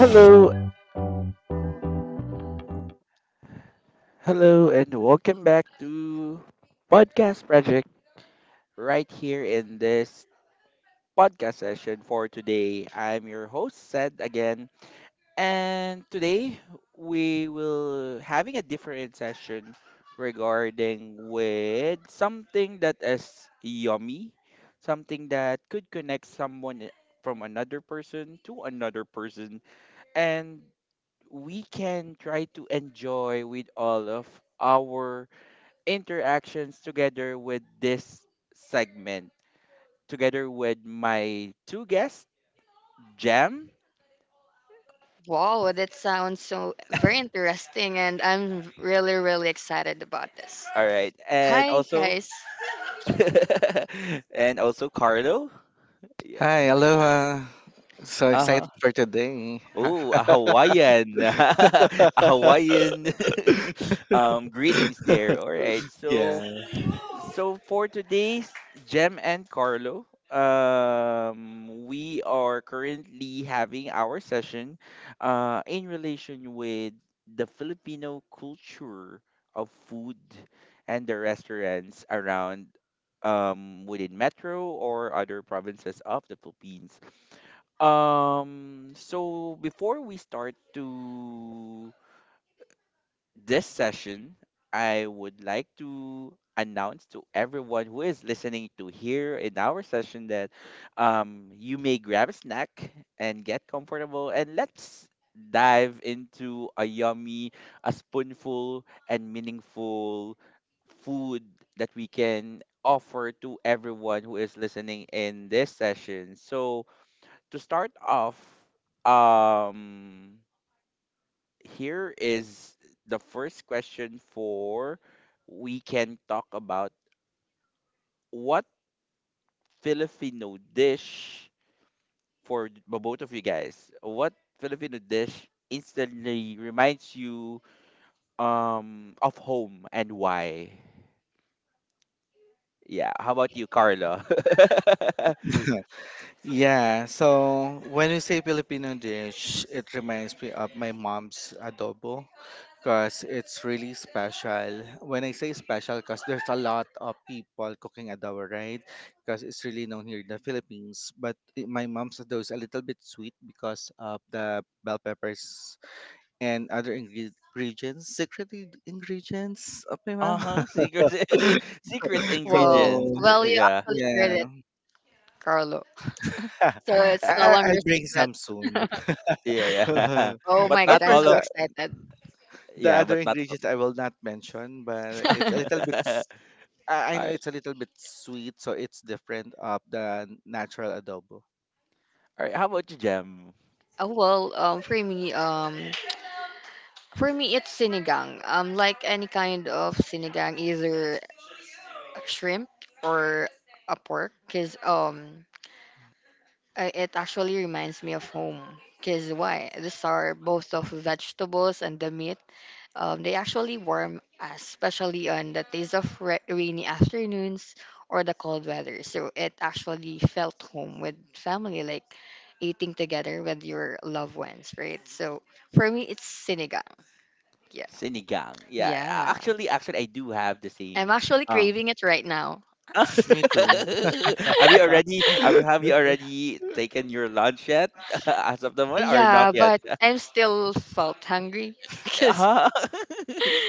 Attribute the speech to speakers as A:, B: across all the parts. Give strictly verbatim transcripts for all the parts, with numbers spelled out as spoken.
A: Hello, hello, and welcome back to Podcast Project right here in this podcast session for today. I'm your host, Sed, again, and today we will having a different session regarding with something that is yummy, something that could connect someone from another person to another person, and we can try to enjoy with all of our interactions together with this segment, together with my two guests, Jam.
B: Wow, well, that sounds so very interesting, and I'm really, really excited about this.
A: All right. And
B: Hi,
A: also,
B: guys.
A: and also Carlo. Yeah.
C: Hi, aloha. So
A: Uh huh.
C: excited for today.
A: Oh, a Hawaiian, a Hawaiian um, greetings there. All right. So,
C: Yeah.
A: So for today's Gem and Carlo, um, we are currently having our session uh, in relation with the Filipino culture of food and the restaurants around um, within Metro or other provinces of the Philippines. Um, so before we start to this session, I would like to announce to everyone who is listening to here in our session that um, you may grab a snack and get comfortable and let's dive into a yummy, a spoonful, and meaningful food that we can offer to everyone who is listening in this session. So to start off, um here is the first question for we can talk about what Filipino dish for th- bo- both of you guys. What Filipino dish instantly reminds you um of home and why? Yeah, how about you, Carla?
C: Yeah, so when we say Filipino dish, it reminds me of my mom's adobo because it's really special. When I say special, because there's a lot of people cooking adobo, right? Because it's really known here in the Philippines. But i- my mom's adobo is a little bit sweet because of the bell peppers and other ingre- ingredients, secret in- ingredients of my mom.
A: Uh-huh, secret secret
B: Wow.
A: ingredients.
C: So
A: Uh,
B: Well,
A: uh,
B: you
A: Yeah.
B: actually shared
C: yeah,
B: it, Carlo.
C: I
B: So it's no
C: I-
B: longer
C: I'll
B: a
C: bring
B: secret.
C: some soon.
A: Yeah, yeah.
B: Oh
A: But
B: my god,
C: Of
A: not
B: I'm
C: course,
A: all
B: so
A: of,
C: the
B: excited.
C: the
A: yeah,
C: other
A: but not all.
C: ingredients I will not mention, but
A: All
C: it's a little bit. s- I I know
A: right.
C: it's a little bit sweet, so it's different of the natural adobo.
A: All right. How about you, Jem?
B: Oh, well, um, for me, um, for me, it's sinigang. Um, like any kind of sinigang, either shrimp or a pork, cause um, Uh, it actually reminds me of home. Because why? These are both of vegetables and the meat. Um, they actually warm us, especially on the days of ra- rainy afternoons or the cold weather. So it actually felt home with family, like eating together with your loved ones, right? So for me, it's sinigang. Yeah.
A: Sinigang. Yeah, a-
B: Yeah.
A: actually, actually, I do have the
B: I'm
A: same.
B: actually
A: Um,
B: craving it right now.
C: Me too.
A: have you already? Have have you already taken your lunch yet? As of the moment, or not
B: Yeah,
A: yet?
B: but I'm still felt hungry. Because,
A: Uh-huh.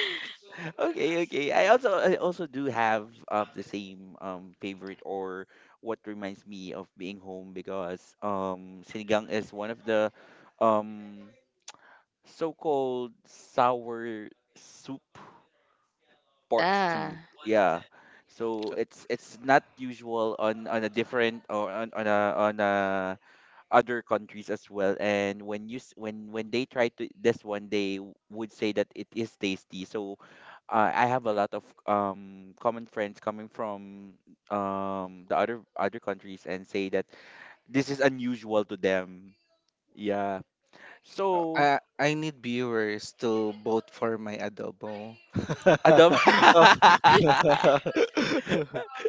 A: Okay, okay. I also I also do have uh, the same um favorite or what reminds me of being home, because um sinigang is one of the um so-called sour soup parts
B: yeah.
A: two. Yeah. So it's it's not usual on on a different, or on on a on a other countries as well. And when you s- when when they try to this one, they w- would say that it is tasty. So uh, I have a lot of um common friends coming from um the other other countries, and say that this is unusual to them. Yeah.
C: Uh,
A: So
C: I I need viewers to vote for my adobo.
A: Adam.
C: Oh.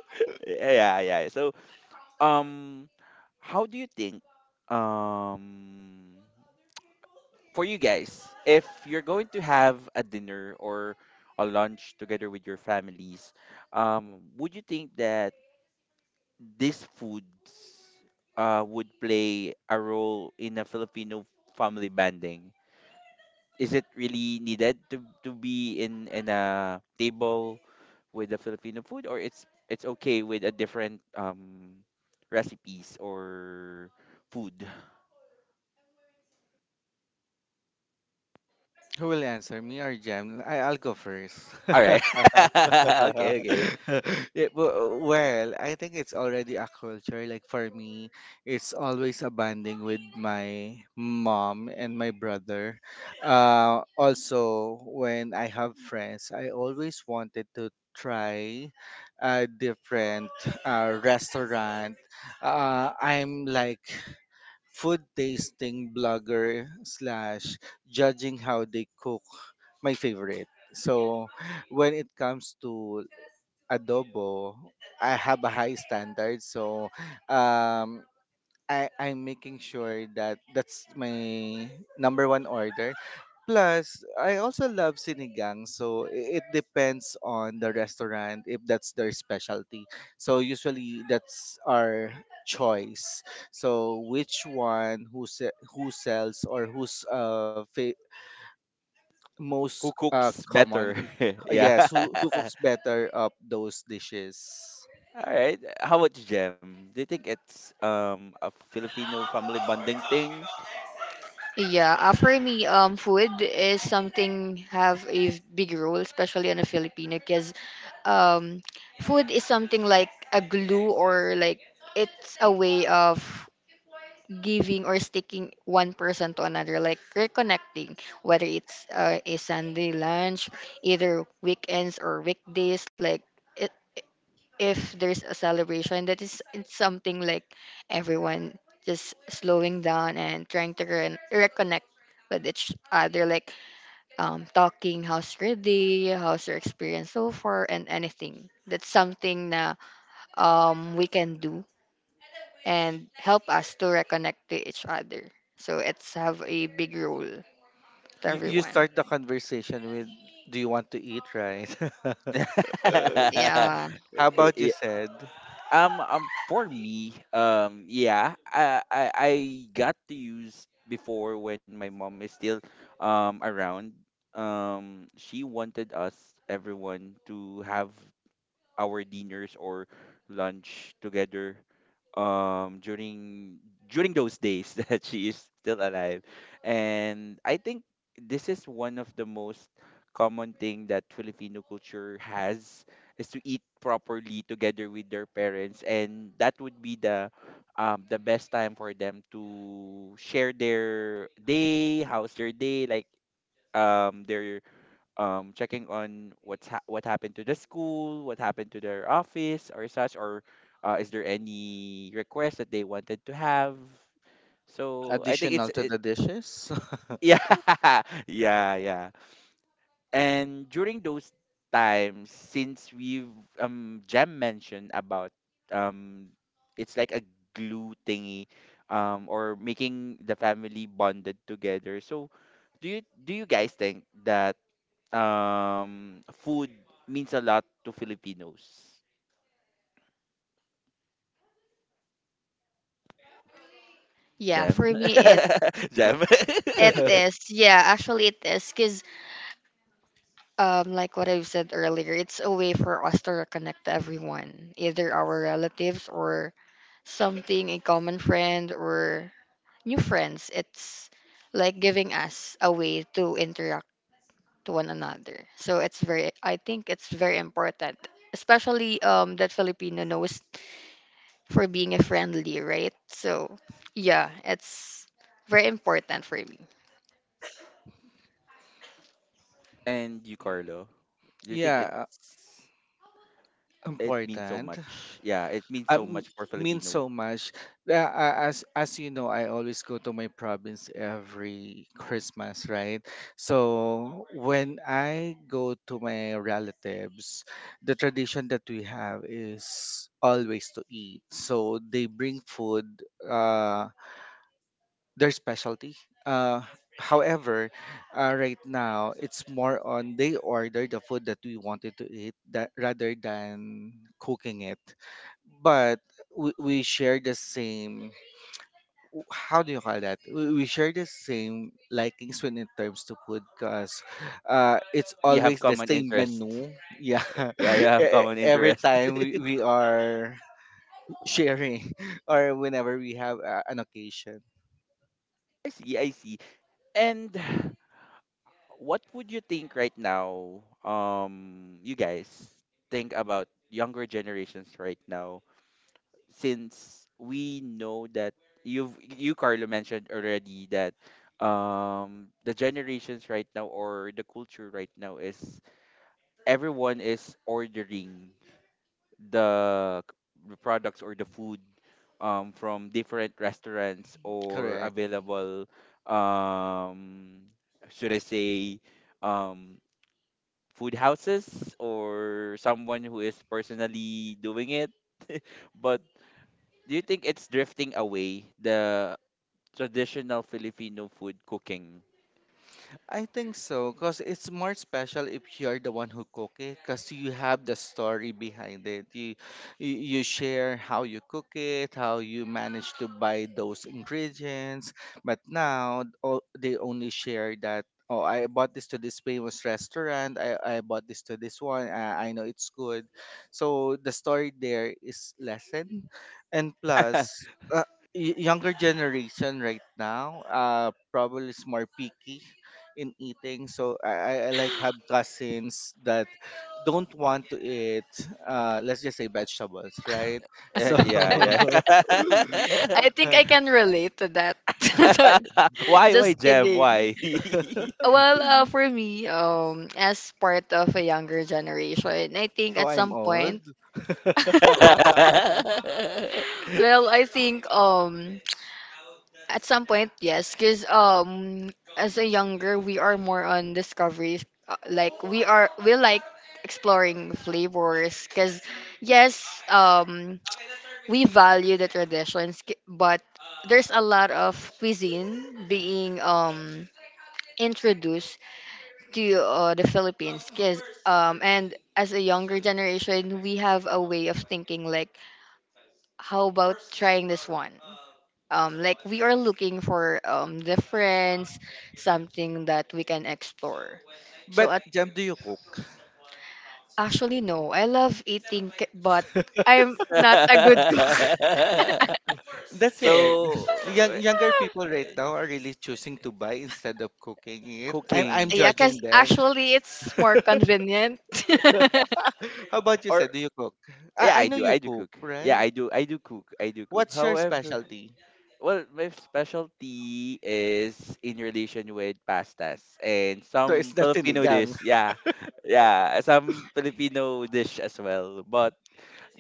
A: Yeah, yeah. So um how do you think, um for you guys, if you're going to have a dinner or a lunch together with your families, um would you think that this food uh would play a role in a Filipino family bonding? Is it really needed to to be in in a table with the Filipino food, or it's it's okay with a different um recipes or food?
C: Who will answer, me or Jem? I, I'll go first.
A: All right. okay, okay.
C: Yeah, w- well, I think it's already a culture. Like for me, it's always a bonding with my mom and my brother. Uh, also, when I have friends, I always wanted to try a different uh, restaurant. Uh, I'm like food tasting blogger slash judging how they cook my favorite. So when it comes to adobo, I have a high standard. So um, I I'm making sure that that's my number one order. Plus, I also love sinigang, so i- it depends on the restaurant if that's their specialty. So usually that's our choice. So which one, who se- who sells or who's uh fa- most
A: Who
C: uh
A: cooks better?
C: common? Uh,
A: Yeah.
C: Yes, who who cooks better up those dishes?
A: All right. How about you, Jem? Do you think it's um a Filipino family bonding thing?
B: Yeah, uh, for me, um, food is something have a v- big role, especially in a Filipino, because um, food is something like a glue or like it's a way of giving or sticking one person to another, like reconnecting, whether it's uh, a Sunday lunch, either weekends or weekdays, like it, if there's a celebration that is it's something like everyone just slowing down and trying to re- reconnect with each other, like um, talking, how's your day, how's your experience so far, and anything that's something na, um, we can do and help us to reconnect to each other, so it's have a big role to
C: You you
B: everyone.
C: start the conversation with, "Do you want to eat?" Right?
A: I-
B: Yeah,
C: How about you,
A: I-
C: said?
A: um, um, for me, um, yeah, I, I I got to use before when my mom is still um around. Um, she wanted us, everyone, to have our dinners or lunch together um during during those days that she is still alive, and I think this is one of the most common thing that Filipino culture has, is to eat properly together with their parents, and that would be the um the best time for them to share their day, how's their day like, um their um, checking on what's ha- what happened to the school, what happened to their office or such, or uh, is there any request that they wanted to have? So I think it's
C: Additional to
A: it.
C: the dishes.
A: Yeah, yeah, yeah. And during those times, since we've um Jem mentioned about, um, it's like a glue thingy, um, or making the family bonded together. So do you do you guys think that um food means a lot to Filipinos.
B: yeah,
A: Jam.
B: for me, it
A: Jam.
B: it is. Yeah, actually it is because um, like what I've said earlier, it's a way for us to reconnect to everyone, either our relatives or something, a common friend or new friends. It's like giving us a way to interact to one another. So it's very, I think it's very important, especially um, that Filipino knows for being a friendly, right? So yeah, it's very important for me.
A: And you, Carlo. Do you think
C: Yeah, uh,
A: it's it means so
C: important.
A: much? Yeah, it means so
C: Um,
A: much for
C: Means
A: Filipino.
C: so much. Uh, uh, as as you know, I always go to my province every Christmas, right? So when I go to my relatives, the tradition that we have is always to eat. So they bring food. Uh, their specialty. Uh, however, uh, right now it's more on they order the food that we wanted to eat that rather than cooking it. But we, we share the same. How do you call that? We, we share the same likings when it terms to food because uh, it's
A: You have
C: always the
A: common
C: same
A: interest.
C: menu. Yeah,
A: Yeah, you have
C: e-
A: common
C: every
A: interest.
C: time we, we are sharing or whenever we have uh, an occasion.
A: I see, I see. And what would you think right now, um, you guys think about younger generations right now, since we know that you've you, Carlo, mentioned already that um the generations right now or the culture right now is everyone is ordering the, c- the products or the food um from different restaurants, or
C: Correct.
A: available, um should I say, um food houses, or someone who is personally doing it, but do you think it's drifting away the traditional Filipino food cooking?
C: I think so, because it's more special if you're the one who cook it, because you have the story behind it. You, you you share how you cook it, how you manage to buy those ingredients. But now, oh, they only share that. Oh, I bought this to this famous restaurant. I, I bought this to this one. I, I know it's good. So the story there is lessened, and plus, uh, y- younger generation right now uh probably is more picky in eating. So I, I I, like, have cousins that don't want to eat uh let's just say vegetables, right?
A: Eh,
C: So
A: yeah, yeah.
B: I think I can relate to that.
A: why, why,
B: Just
A: Jem?
B: kidding.
A: Why?
B: Well, uh, for me, um, as part of a younger generation, I think
C: so
B: at
C: I'm
B: some
C: old.
B: point, well, I think um, at some point, yes, because um, as a younger, we are more on discovery, uh, like we are, we like exploring flavors, because yes, um, we value the traditions, k- but there's a lot of cuisine being um introduced to uh, the Philippines, because um and as a younger generation we have a way of thinking, like how about trying this one, um like we are looking for um difference, something that we can explore. So
C: But
B: at,
C: Jam, do you cook?
B: actually no, I love eating ca- but I'm not a good cook.
C: That's it.
A: So,
C: Young,
A: eh,
C: younger people right now are really choosing to buy instead of cooking it. I'm I'm
A: cooking
B: Yeah, because
C: judging them.
B: actually it's more convenient. It's
C: How about you,
A: or
C: said, do you cook?
A: yeah,
C: I, I
A: I
C: know
A: do,
C: you
A: I do
C: cook,
A: cook. Yeah,
C: right?
A: I do, I do cook, I do cook.
C: What's your
A: However,
C: specialty?
A: well, my specialty is in relation with pastas and
C: So
A: some
C: it's not
A: Filipino
C: sinigang.
A: dish. Yeah, yeah, some Filipino dish as well. But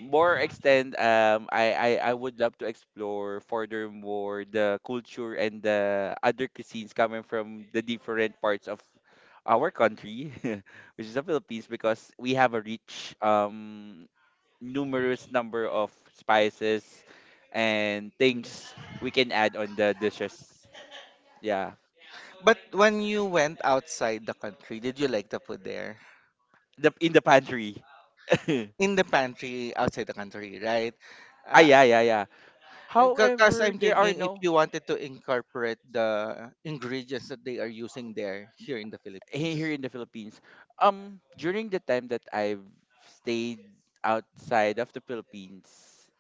A: more extend, um, I, I, I would love to explore furthermore the culture and the other cuisines coming from the different parts of our country, which is the Philippines, because we have a rich um numerous number of spices and things we can add on the dishes. Yeah,
C: But when you went outside the country, did you like the food there?
A: the in the pantry.
C: In the pantry outside the country, right?
A: Ah, yeah, yeah, yeah.
C: Because
A: However,
C: I'm
A: there are
C: thinking if
A: no,
C: you wanted to incorporate the ingredients that they are using there here in the
A: he- here
C: Philippines.
A: in the Philippines. Um, during the time that I've stayed outside of the Philippines,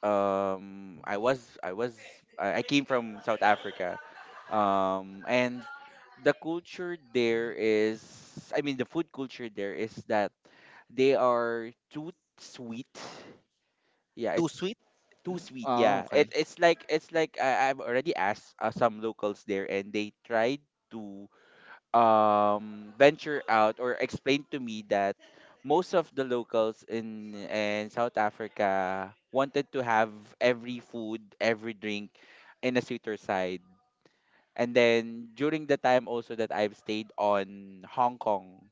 A: um, I was I was I I came from South Africa, um, and the culture there is, I mean, the food culture there is that they are too sweet. Yeah,
C: Too
A: it's
C: sweet?
A: too sweet.
C: Oh,
A: Yeah, it,
C: okay.
A: it's like it's like I, I've already asked uh, some locals there, and they tried to um venture out or explain to me that most of the locals in in South Africa wanted to have every food, every drink in a sweeter side. And then during the time also that I've stayed on Hong Kong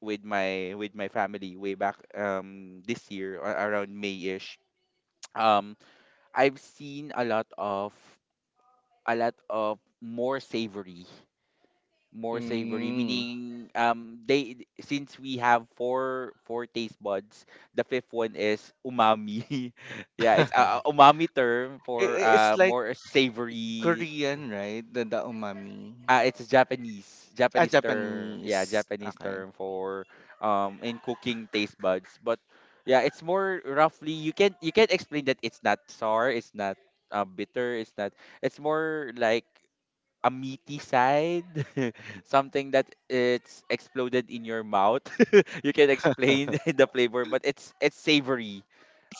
A: with my with my family way back, um this year or around May-ish, um I've seen a lot of a lot of more savory, more savory
C: Mm.
A: meaning, um they, since we have four four taste buds, the fifth one is umami. Yeah, it's a, a
C: I-
A: umami term for
C: i-
A: uh
C: It's like
A: more savory.
C: Korean, right? The, the umami.
A: Ah, it's Japanese,
C: Ah,
A: Japanese term. Yeah,
C: Japanese.
A: Japanese
C: Okay.
A: term for um in cooking taste buds. But yeah, it's more roughly, you can you can explain that it's not sour, it's not, uh, bitter, it's not. It's more like a meaty side, something that it's exploded in your mouth. You can explain the flavor, but it's it's savory.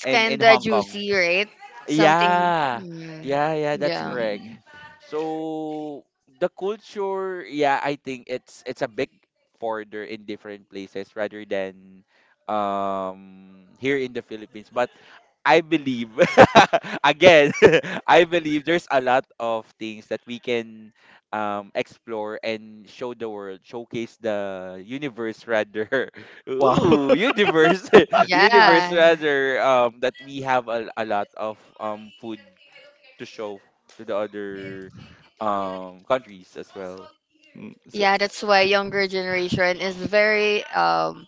A: And
B: kind
A: in
B: of
A: Hong Kong.
B: juicy, right? Something,
A: Yeah,
B: mm,
A: yeah, yeah, that's
B: yeah,
A: correct.
C: Mm.
A: So the culture, yeah, I think it's it's a big further in different places rather than um here in the Philippines. But I believe, again, I believe there's a lot of things that we can, um, explore and show the world, showcase the universe rather.
C: Wow.
A: Ooh, universe, universe
B: yeah.
A: rather. Um, that we have a, a lot of um food to show to the other um countries as well.
C: Mm. So
B: Yeah, that's why younger generation is very um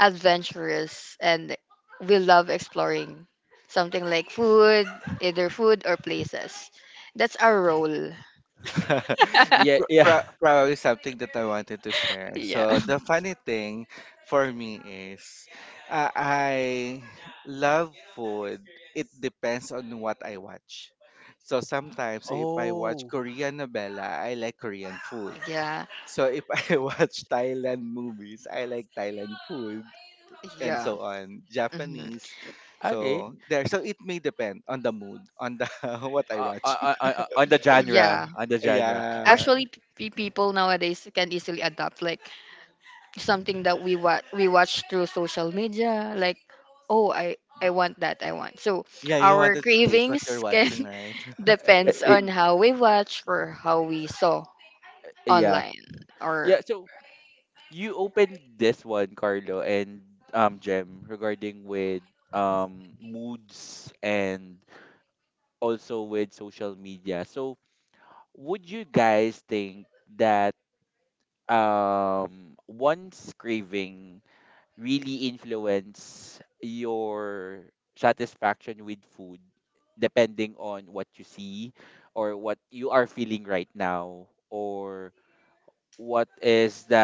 B: adventurous, and we love exploring something like food, either food or places. That's our role.
A: Yeah,
C: Pro-
A: yeah.
C: pro- probably something that I wanted to share.
B: Yeah.
C: So the funny thing for me is, uh, I love food. It depends on what I watch. So sometimes if I watch
A: Oh,
C: Korean novela, I like Korean food.
B: Yeah.
C: So if I watch Thailand movies, I like Thailand food and
B: Yeah.
C: so on.
B: Hmm.
C: Japanese.
A: okay.
C: So there so it may depend on the mood, on the what I
A: Uh, uh,
C: watch.
A: uh, uh, uh, on the
B: Yeah.
A: genre, on the genre, but
C: Yeah.
B: Actually, p- people nowadays can easily adapt, like something that we watch we watch through social media, like, oh, i I want that, I want, so
C: Yeah, you
B: our
C: wanted to taste what
B: cravings
C: you're
B: can
C: watching, right?
A: uh,
B: depends
A: uh,
B: on how we watch or how we saw
A: yeah.
B: online, or
A: Yeah, so you opened this one, Carlo, and um Gem, regarding with um moods and also with social media. So would you guys think that um one's craving really influence your satisfaction with food, depending on what you see or what you are feeling right now, or what is the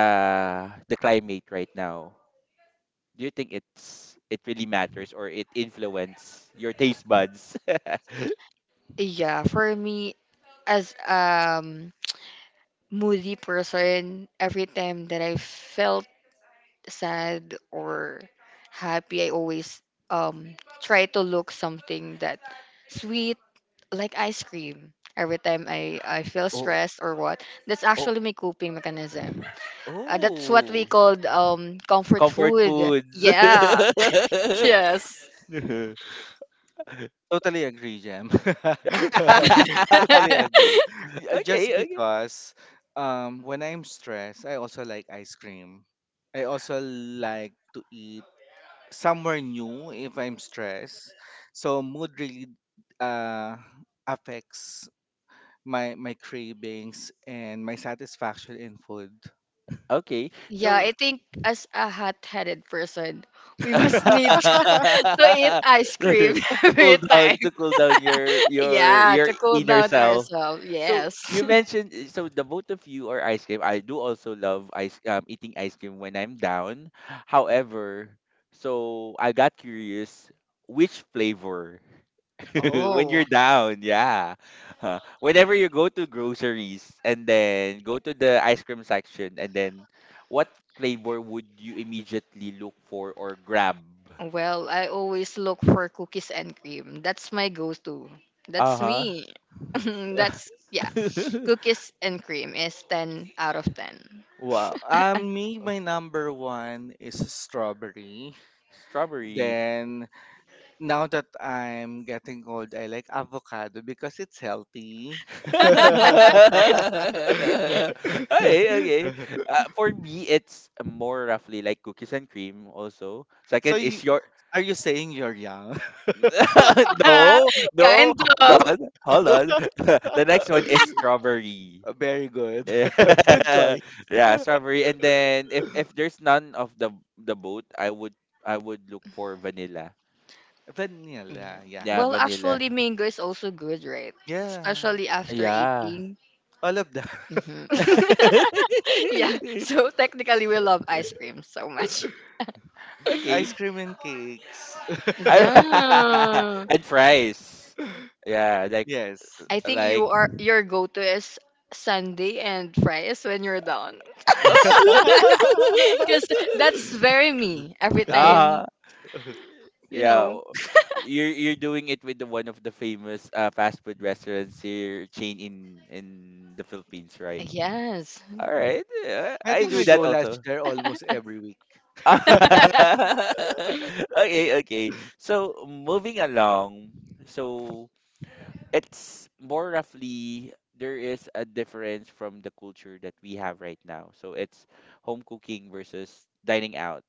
A: the climate right now? Do you think it's it really matters, or it influence your taste buds?
B: yeah, for me, as um moody person, every time that I felt sad or happy, I always um try to look something that sweet, like ice cream every time I, I feel
A: Oh,
B: stressed or what, that's
A: oh,
B: actually my coping mechanism. Uh, that's what we
A: oh.
B: called um comfort
A: Comfort
B: food.
A: foods.
B: Yeah.
C: Yes.
B: Yes.
C: Totally agree, Jem.
B: Uh,
C: Totally agree. Yeah, just
A: Okay, okay.
C: because um when I'm stressed, I also like ice cream. I also like to eat somewhere new if I'm stressed. So mood really uh affects my my cravings and my satisfaction in food.
A: Okay.
B: yeah,
A: So,
B: I think as a hot-headed person we must need to eat ice cream
A: to
B: every
A: cool down
B: time.
A: to cool down your your
B: Yeah, to
A: your
B: cool
A: inner
B: down
A: self.
B: ourselves.
A: So you
B: Yes.
A: mentioned, so the both of you are ice cream, I do also love ice um, eating ice cream when I'm down. However, so I got curious which flavor when
B: Oh.
A: you're down, yeah. Huh. Whenever you go to groceries and then go to the ice cream section, and then what flavor would you immediately look for or grab?
B: Well, I always look for cookies and cream. That's my go-to.
A: Uh
B: That's
A: huh.
B: me. That's, yeah. Cookies and cream is ten out of ten.
C: Wow. Um me My number one is strawberry.
A: Strawberry.
C: Then now that I'm getting old, I like avocado because it's healthy.
A: Okay, okay. Uh, for me, it's more roughly like cookies and cream also.
C: So
A: Second
C: you
A: is your...
C: are you saying you're young?
A: No, no.
B: Kind
A: Hold
B: of.
A: on, hold on. The next one is strawberry.
C: Very good. Good choice.
A: Yeah, strawberry. And then if if there's none of the the boat, I would I would look for vanilla.
B: Yeah.
C: Vanilla, yeah.
A: Yeah,
B: Well,
A: vanilla.
B: actually, mango is also good, right?
C: Yeah.
B: Especially after
A: Yeah.
B: eating.
C: All of the
B: Hmm. Yeah. So technically we love ice cream so much.
A: Okay.
C: ice cream and cakes.
A: I-
B: Yeah.
A: and fries. Yeah, like
C: Yes.
B: I think you
A: like
B: are your go-to is Sunday and fries when you're down.
C: I
B: Because that's very me. Every time,
A: Ah,
B: you
A: yeah.
B: know.
A: w- You're you're doing it with the one of the famous, uh, fast food restaurants here chain in in the Philippines, right?
B: Yes.
A: All right. Yeah, I
C: think we
A: do
C: go
A: that
C: lunch
A: also.
C: there almost every week.
A: Okay, okay. So moving along. So it's more roughly there is a difference from the culture that we have right now. So it's home cooking versus dining out.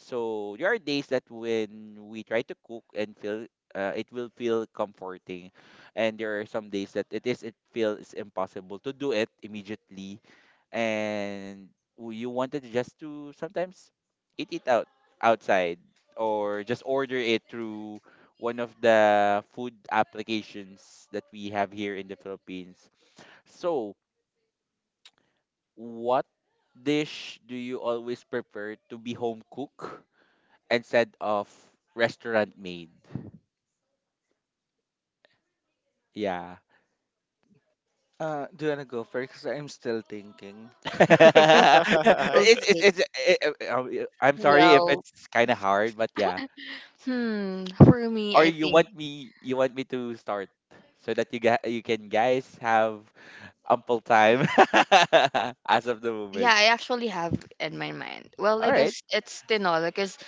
A: So there are days that when we try to cook and feel uh, it will feel comforting, and there are some days that it is it feels impossible to do it immediately and w- you wanted to just to sometimes eat it out outside or just order it through one of the food applications that we have here in the Philippines. So, what dish do you always prefer to be home cook instead of restaurant made? Yeah.
C: uh, Do you wanna go first? 'Cause I'm still thinking.
A: it's, it's,
B: Okay.
A: it's, it, I'm sorry if
B: Well,
A: it's kind of hard, but yeah.
B: hmm, for me,
A: Or
B: I
A: you
B: think,
A: want me you want me to start so that you guys you can guys have ample time as of the
B: yeah,
A: moment.
B: I actually have in my mind. Well,
A: All
B: I
A: right.
B: guess it's tinola because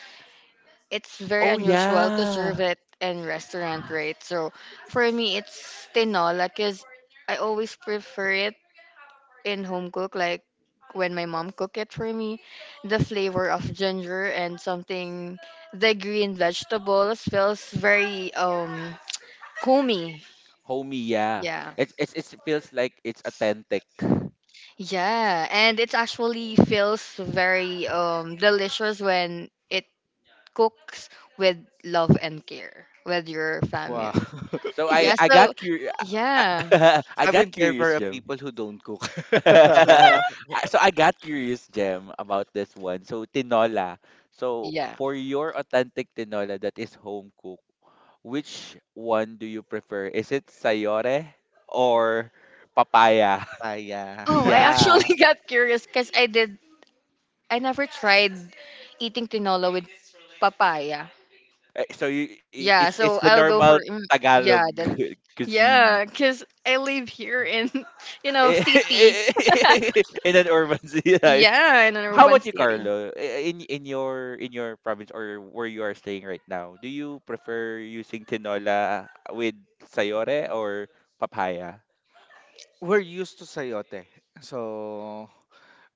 B: it's very
A: Oh
B: unusual to serve
A: yeah.
B: it in restaurant, right? So for me, it's tinola because I always prefer it in home cook, like when my mom cook it for me, the flavor of ginger and something, the green vegetables feels very um homey.
A: Homie, yeah.
B: Yeah.
A: It's it's it feels like it's authentic.
B: Yeah, and it actually feels very um delicious when it cooks with love and care with your
C: Wow.
B: family.
A: So I
B: Yeah,
A: I
B: so
A: got curious.
B: yeah.
A: I, I
C: I
A: got
C: wouldn't care for
A: curious.
C: a people who don't cook.
A: I- so I got curious, Jem, about this one. So tinola. So
B: Yeah.
A: for your authentic tinola that is home cooked, which one do you prefer? Is it sayore or papaya?
C: Papaya.
B: Oh, I actually
A: Yeah.
B: got curious because I did I never tried eating tinola with papaya.
A: Eh, So you, i-
B: Yeah,
A: it's
B: so
A: it's the
B: I'll go for,
A: normal
B: mm, yeah,
A: Tagalog
B: that, yeah,
A: cuisine.
B: cuz I live here in you know, city.
A: In an urban city.
B: Yeah, in an
A: How
B: urban
A: about you,
B: city.
A: Carlo? I- In in your in your province or where you are staying right now, do you prefer using tinola with sayore or papaya?
C: We're used to sayote. So,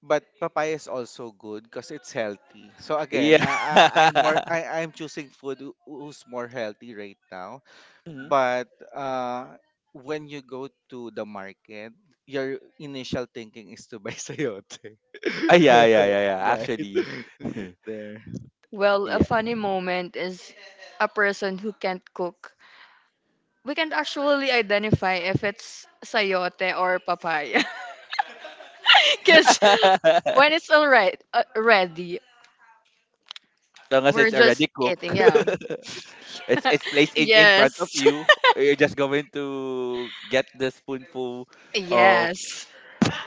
C: but papaya is also good because it's healthy. So again,
A: Yeah.
C: I, I I'm more I I'm choosing food who- who's more healthy right now.
A: Mhm.
C: But uh, when you go to the market, your initial thinking is to buy sayote.
A: Ah, yeah, yeah, yeah, yeah.
C: Right.
A: Actually,
C: You- There.
B: Well, a
A: yeah.
B: funny moment is a person who can't cook. We can actually identify if it's sayote or papaya. Cuz
A: As
B: when it's all right, uh, ready,
A: long as
B: we're
A: it's
B: just
A: already cooked,
B: eating. Yeah.
A: it's it's placed in in front of
B: Yes.
A: you. You're just going to get the spoonful of
B: Yes.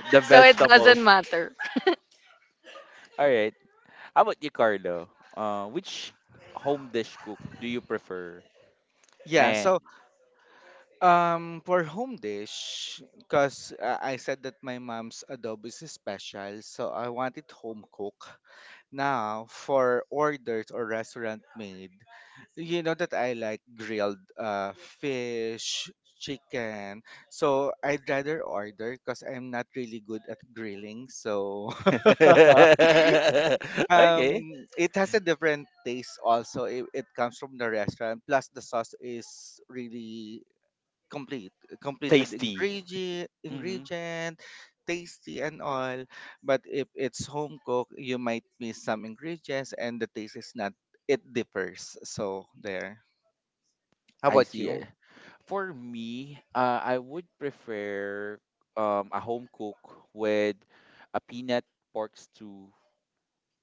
A: the
B: So it doesn't
A: vegetables.
B: matter.
A: All right. How about you, Carlo? Uh, which home dish cook do you prefer?
C: Yeah.
A: Eh.
C: So Um, for home dish, because uh, I said that my mom's adobo is special, so I want it home cooked. Now, for orders or restaurant made, you know that I like grilled uh, fish, chicken. So I'd rather order because I'm not really good at grilling. So um,
A: Okay.
C: it has a different taste also. It, it comes from the restaurant. Plus, the sauce is really complete complete with
A: Tasty.
C: ingredient
A: Mm-hmm.
C: ingredient tasty and all. But if it's home cooked, you might miss some ingredients and the taste is not, it differs. So there, how
A: I
C: about
A: see
C: you?
A: it. For me, uh, I would prefer um, a home cook with a peanut pork stew,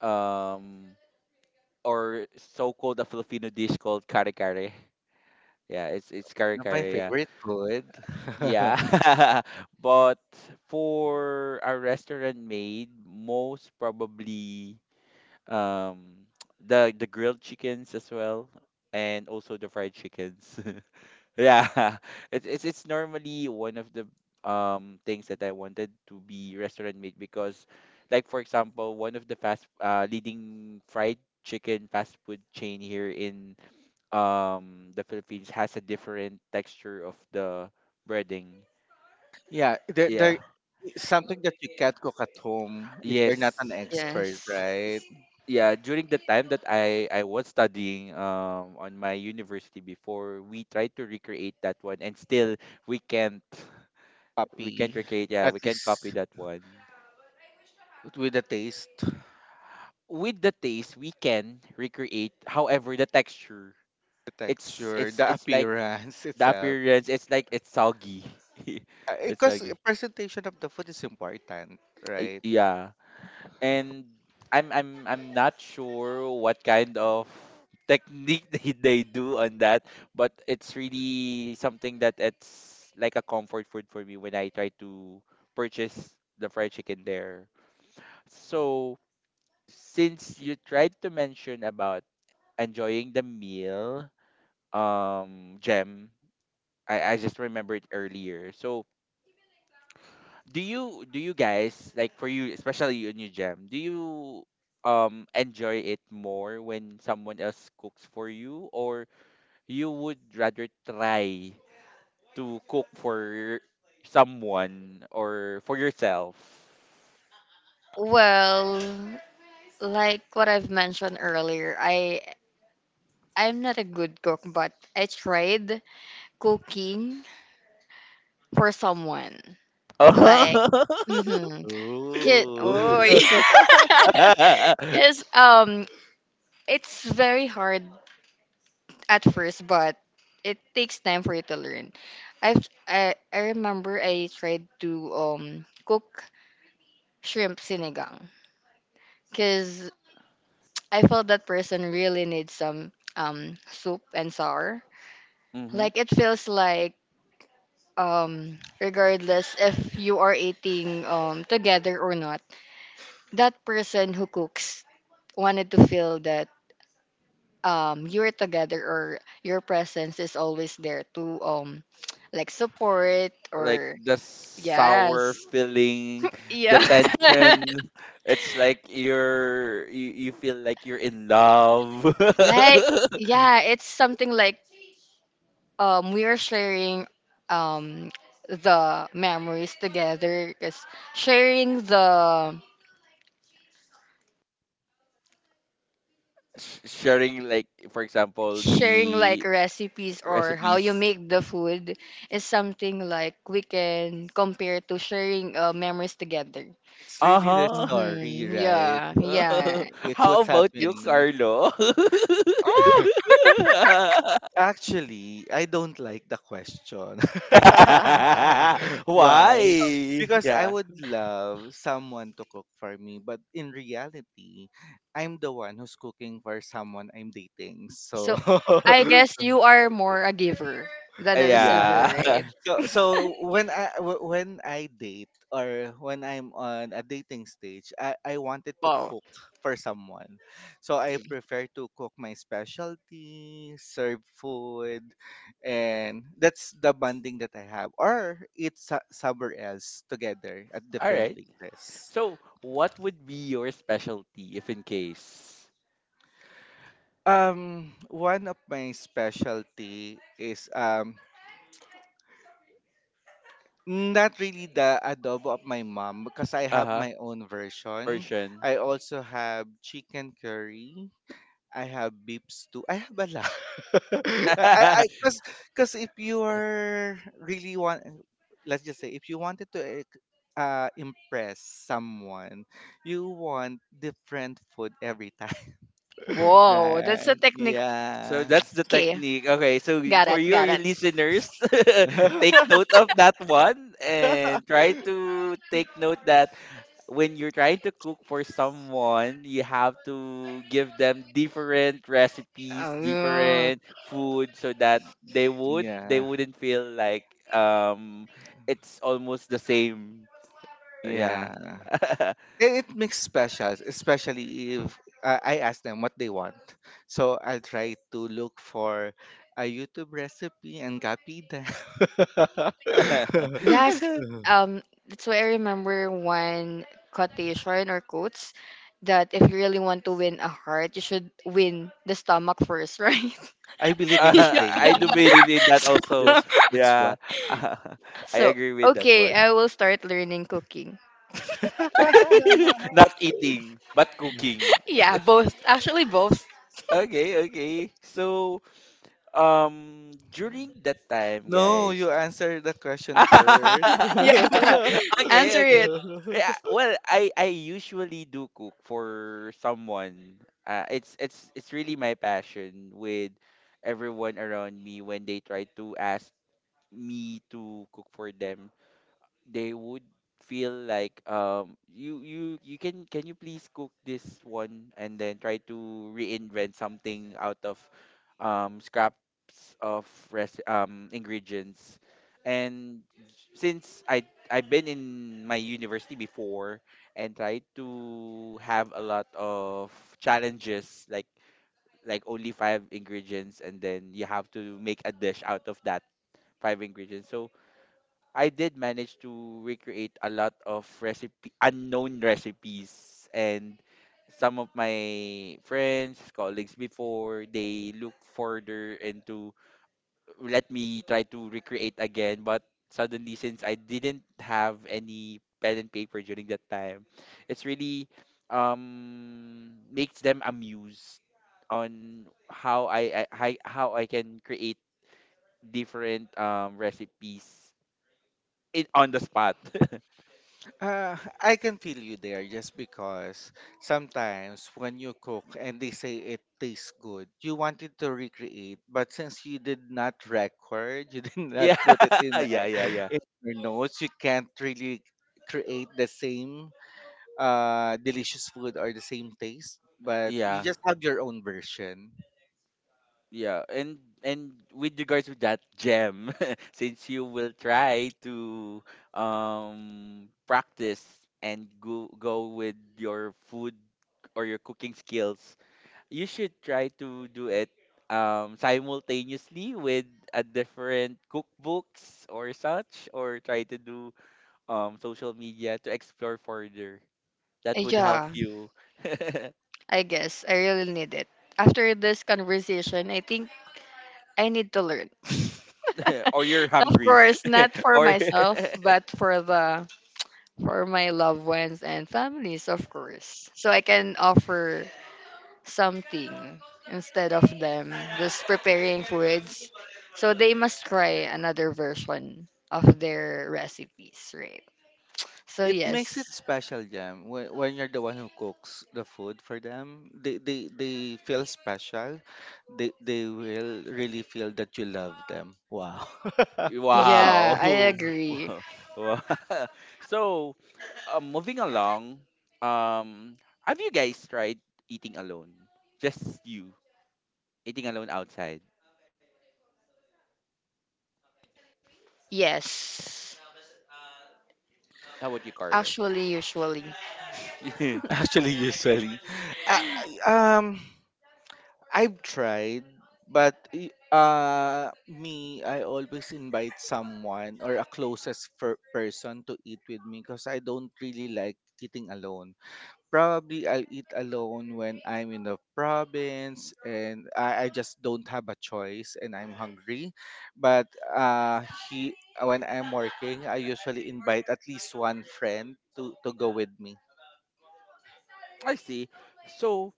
A: um, or so-called a Filipino dish called kare kare. Yeah, it's it's kare
C: Not my
A: kare.
C: favorite food.
A: Yeah, but for a restaurant made, most probably um the the grilled chickens as well, and also the fried chickens. Yeah, it's it's it's normally one of the um things that I wanted to be restaurant made because, like for example, one of the fast uh leading fried chicken fast food chain here in um the Philippines has a different texture of the breading.
C: Yeah, there,
A: Yeah.
C: there is something that you can't cook at home if you're not an
A: Yes.
C: expert,
B: Yes.
C: right?
A: Yeah, during the time that I I was studying um on my university before, we tried to recreate that one and still we can't. We
C: Puppy.
A: can't recreate, yeah,
C: At
A: we can't copy
C: least
A: that one.
C: with the taste,
A: With the taste, we can recreate. However, the texture,
C: the
A: it's
C: texture,
A: it's
C: the
A: it's like
C: appearance
A: the
C: itself.
A: appearance, it's like it's soggy. It's
C: Because
A: soggy.
C: presentation of the food is important,
A: Uh,
C: right?
A: Yeah. And I'm I'm I'm not sure what kind of technique they, they do on that, but it's really something that it's like a comfort food for me when I try to purchase the fried chicken there. So since you tried to mention about enjoying the meal, um, Gem, I, I just remembered earlier. So do you do you guys, like, for you especially, you and you, Jam, do you um enjoy it more when someone else cooks for you or you would rather try to cook for someone or for yourself?
B: Well, like what I've mentioned earlier, I I'm not a good cook, but I tried cooking for someone. Like, mm-hmm. Kid,
C: Ooh.
B: oh,
A: Ooh.
B: because um, it's very hard at first, but it takes time for you to learn. I've I, I remember I tried to um cook shrimp sinigang because I felt that person really needs some um soup and sour. Like it feels like, um regardless if you are eating um together or not, that person who cooks wanted to feel that um you're together, or your presence is always there to um like support,
A: Like
B: or
A: the sour
B: yes.
A: feeling,
B: Yeah.
A: the tension. It's like you're you, you feel like you're in love.
B: Like, yeah, it's something like um we are sharing um the memories together, because sharing the
A: Sh- Sharing, like for example,
B: sharing, like
A: the
B: recipes or how you
A: recipes.
B: make the food, is something like we can compare to sharing uh, memories together.
C: It's really the
A: Uh-huh.
C: story,
B: Mm-hmm.
C: right?
B: Yeah,
C: Eh,
B: yeah.
C: it's
A: How
C: what's
A: about you,
C: happening.
A: Carlo?
B: Ah!
C: Actually, I don't like the question. Why?
A: Why?
C: Because I
A: Yeah.
C: would love someone to cook for me, but in reality, I'm the one who's cooking for someone I'm dating.
B: So
C: So
B: I guess you are more a giver than a receiver,
C: yeah.
B: right?
A: Yeah.
C: So so when I w- when I date or when I'm on a dating stage, I I wanted to
B: Wow.
C: cook for someone. So I prefer to cook my specialty, serve food, and that's the bonding that I have or eat so- somewhere else together at
A: All
C: different
A: right.
C: places.
A: So, what would be your specialty if in case?
C: Um one of my specialty is um Mm, not really the adobo of my mom because I
A: Uh
C: have
A: huh.
C: my own version.
A: Persian.
C: I also have chicken curry. I have beef stew. I have a lot. I I because because if you are really want let's just say if you wanted to eh, uh, impress someone, you want different food every time.
B: Whoa, that's a
C: Right?
B: technique.
A: So
C: Yeah.
A: that's the
B: Okay,
A: technique. Okay, so y-
B: got
A: for
B: it,
A: your
B: got it.
A: listeners, take note of that one and try to take note that when you're trying to cook for someone, you have to give them different recipes,
B: Oh.
A: different food so that they would they
C: Yeah.
A: wouldn't feel like um it's almost the same. Yeah.
C: Yeah. It, it makes specials, especially if uh, I ask them what they want. So I'll try to look for a YouTube recipe and copy them.
B: Yes, um, that's why I remember one quotation or quotes that if you really want to win a heart, you should win the stomach first, right?
C: I believe in that
B: Yeah.
A: Uh, I do
C: saying.
A: believe in that
B: So,
A: also.
C: That's that's why.
A: Yeah, I
B: so,
A: agree with that
B: okay,
A: one.
B: I will start learning cooking.
A: Not eating, but cooking.
B: Yeah, both. Actually, both.
A: Okay, okay. So, um, during that time,
C: No,
A: guys.
C: you answer the question first.
B: Yeah,
A: Okay,
B: answer
A: okay.
B: it.
A: Yeah, well, I I usually do cook for someone. Uh, it's it's it's really my passion with everyone around me. When they try to ask me to cook for them, they would feel like, um you you you can can you please cook this one? And then try to reinvent something out of um scraps of res- um ingredients. And since I I've been in my university before and tried to have a lot of challenges, like like only five ingredients and then you have to make a dish out of that five ingredients. So I did manage to recreate a lot of recipe unknown recipes, and some of my friends, colleagues before, they look further into let me try to recreate again, but suddenly since I didn't have any pen and paper during that time, it's really um makes them amused on how I, I I- how I can create different um recipes in on the spot.
C: Uh, I can feel you there just because sometimes when you cook and they say it tastes good, you wanted to recreate, but since you did not record, you did not
A: Yeah,
C: put it in, uh,
A: yeah, yeah, yeah,
C: in your notes, you can't really create the same uh, delicious food or the same taste, but you
A: yeah,
C: just have your own version.
A: yeah. And and with regards to that, Gem, since you will try to um practice and go go with your food or your cooking skills, you should try to do it um simultaneously with a different cookbooks or such, or try to do um social media to explore further. That would help
B: Yeah,
A: you.
B: I guess I really need it. After this conversation, I think I need to learn.
A: Or you're
B: Of
A: hungry.
B: course, not for
A: Or
B: myself, but for the for my loved ones and families, of course. So I can offer something instead of them just preparing foods. So they must try another version of their recipes, right? So,
C: It
A: Y-
C: makes it
B: yes.
C: special, Jam. When, when you're the one who cooks the food for them, they, they, they feel special. They, they will really feel that you love them. Wow.
B: Yeah,
A: wow.
B: I agree.
A: Wow. Wow. So, uh, moving along, um, have you guys tried eating alone? Just you eating alone outside.
B: Yes.
A: How about you, Carlo?
B: Actually, usually.
C: Actually, usually, I, I- um, I've tried, but y- uh, me, I always invite someone or a closest fir- person to eat with me because I don't really like eating alone. Probably I'll eat alone when I'm in the province and I, I just don't have a choice and I'm hungry. But uh, he when I'm working, I usually invite at least one friend to, to go with me.
A: I see. So,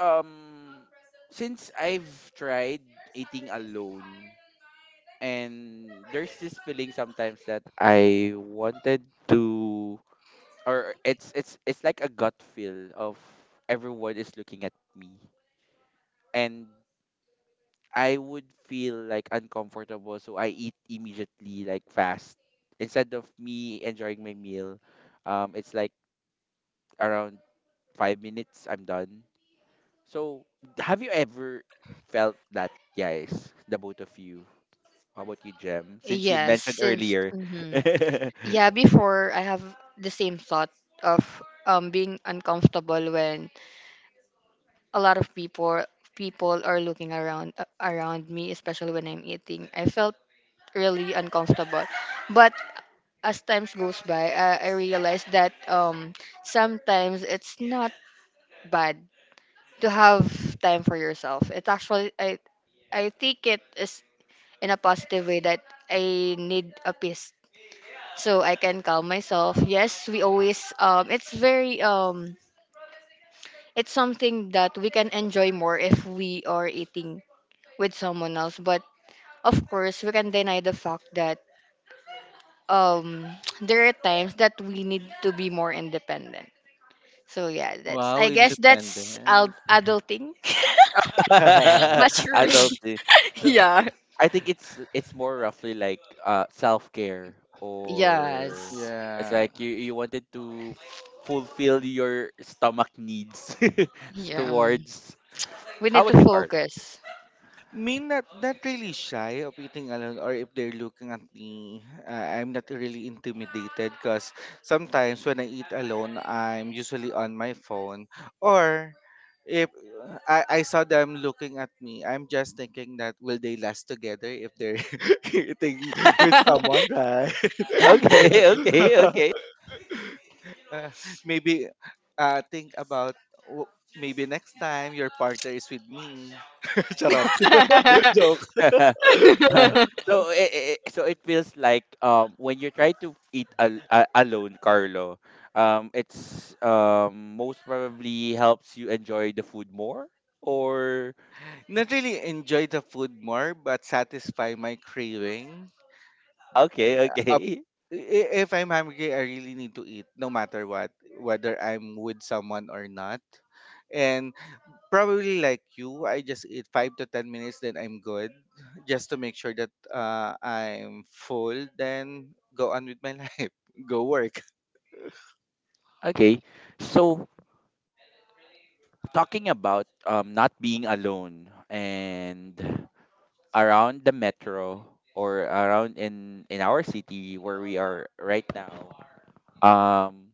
A: um, since I've tried eating alone, and there's this feeling sometimes that I wanted to, or it's it's it's like a gut feel of everyone is looking at me, and I would feel like uncomfortable, so I eat immediately, like fast, instead of me enjoying my meal. Um it's like around five minutes I'm done. So have you ever felt that, guys, the both of you? How about you, Jem, since you
B: Yes,
A: mentioned
B: since,
A: earlier?
B: mhm, yeah, before I have the same thought of um being uncomfortable when a lot of people people are looking around, uh, around me, especially when I'm eating, I felt really uncomfortable. But as times goes by, uh, I realized that um sometimes it's not bad to have time for yourself. It's actually, i I think it is in a positive way, that I need a peace so I can calm myself. Yes, we always um it's very um it's something that we can enjoy more if we are eating with someone else. But of course, we can deny the fact that um there are times that we need to be more independent. So yeah, that's,
C: Wow,
B: I guess that's ad-
C: independent.
B: adulting,
A: Adult,
B: maturity.
A: eh. So
B: Yeah.
A: I think it's it's more roughly like uh self care, or
B: Yes.
A: it's
C: Yeah.
A: like you you wanted to f- fulfill your stomach needs
B: Yeah. um,
A: towards.
B: We
A: How
B: need
A: about
B: to
A: you, Carl?
B: focus.
C: Me, not not really shy of eating alone or if they're looking at me, uh, I'm not really intimidated because sometimes when I eat alone, I'm usually on my phone or if I, I saw them looking at me, I'm just thinking that will they last together if they're eating with
B: um,
C: someone, right?
A: Okay, okay, okay.
C: Uh, Maybe uh, think about w- maybe next time your partner is with me. Charot. Joke.
A: So it, so it feels like, um, when you try to eat al- a- alone, Carlo, um it's, um most probably helps you enjoy the food more or
C: Not really enjoy the food more, but satisfy my craving.
A: okay,
C: Up,
A: okay.
C: i- if I'm hungry, I really need to eat, no matter what, whether I'm with someone or not. And probably like you, I just eat five to ten minutes, then I'm good, just to make sure that uh, I'm full. Then go on with my life, go work.
A: Okay. So talking about, um, not being alone and around the metro or around in in our city where we are right now, um,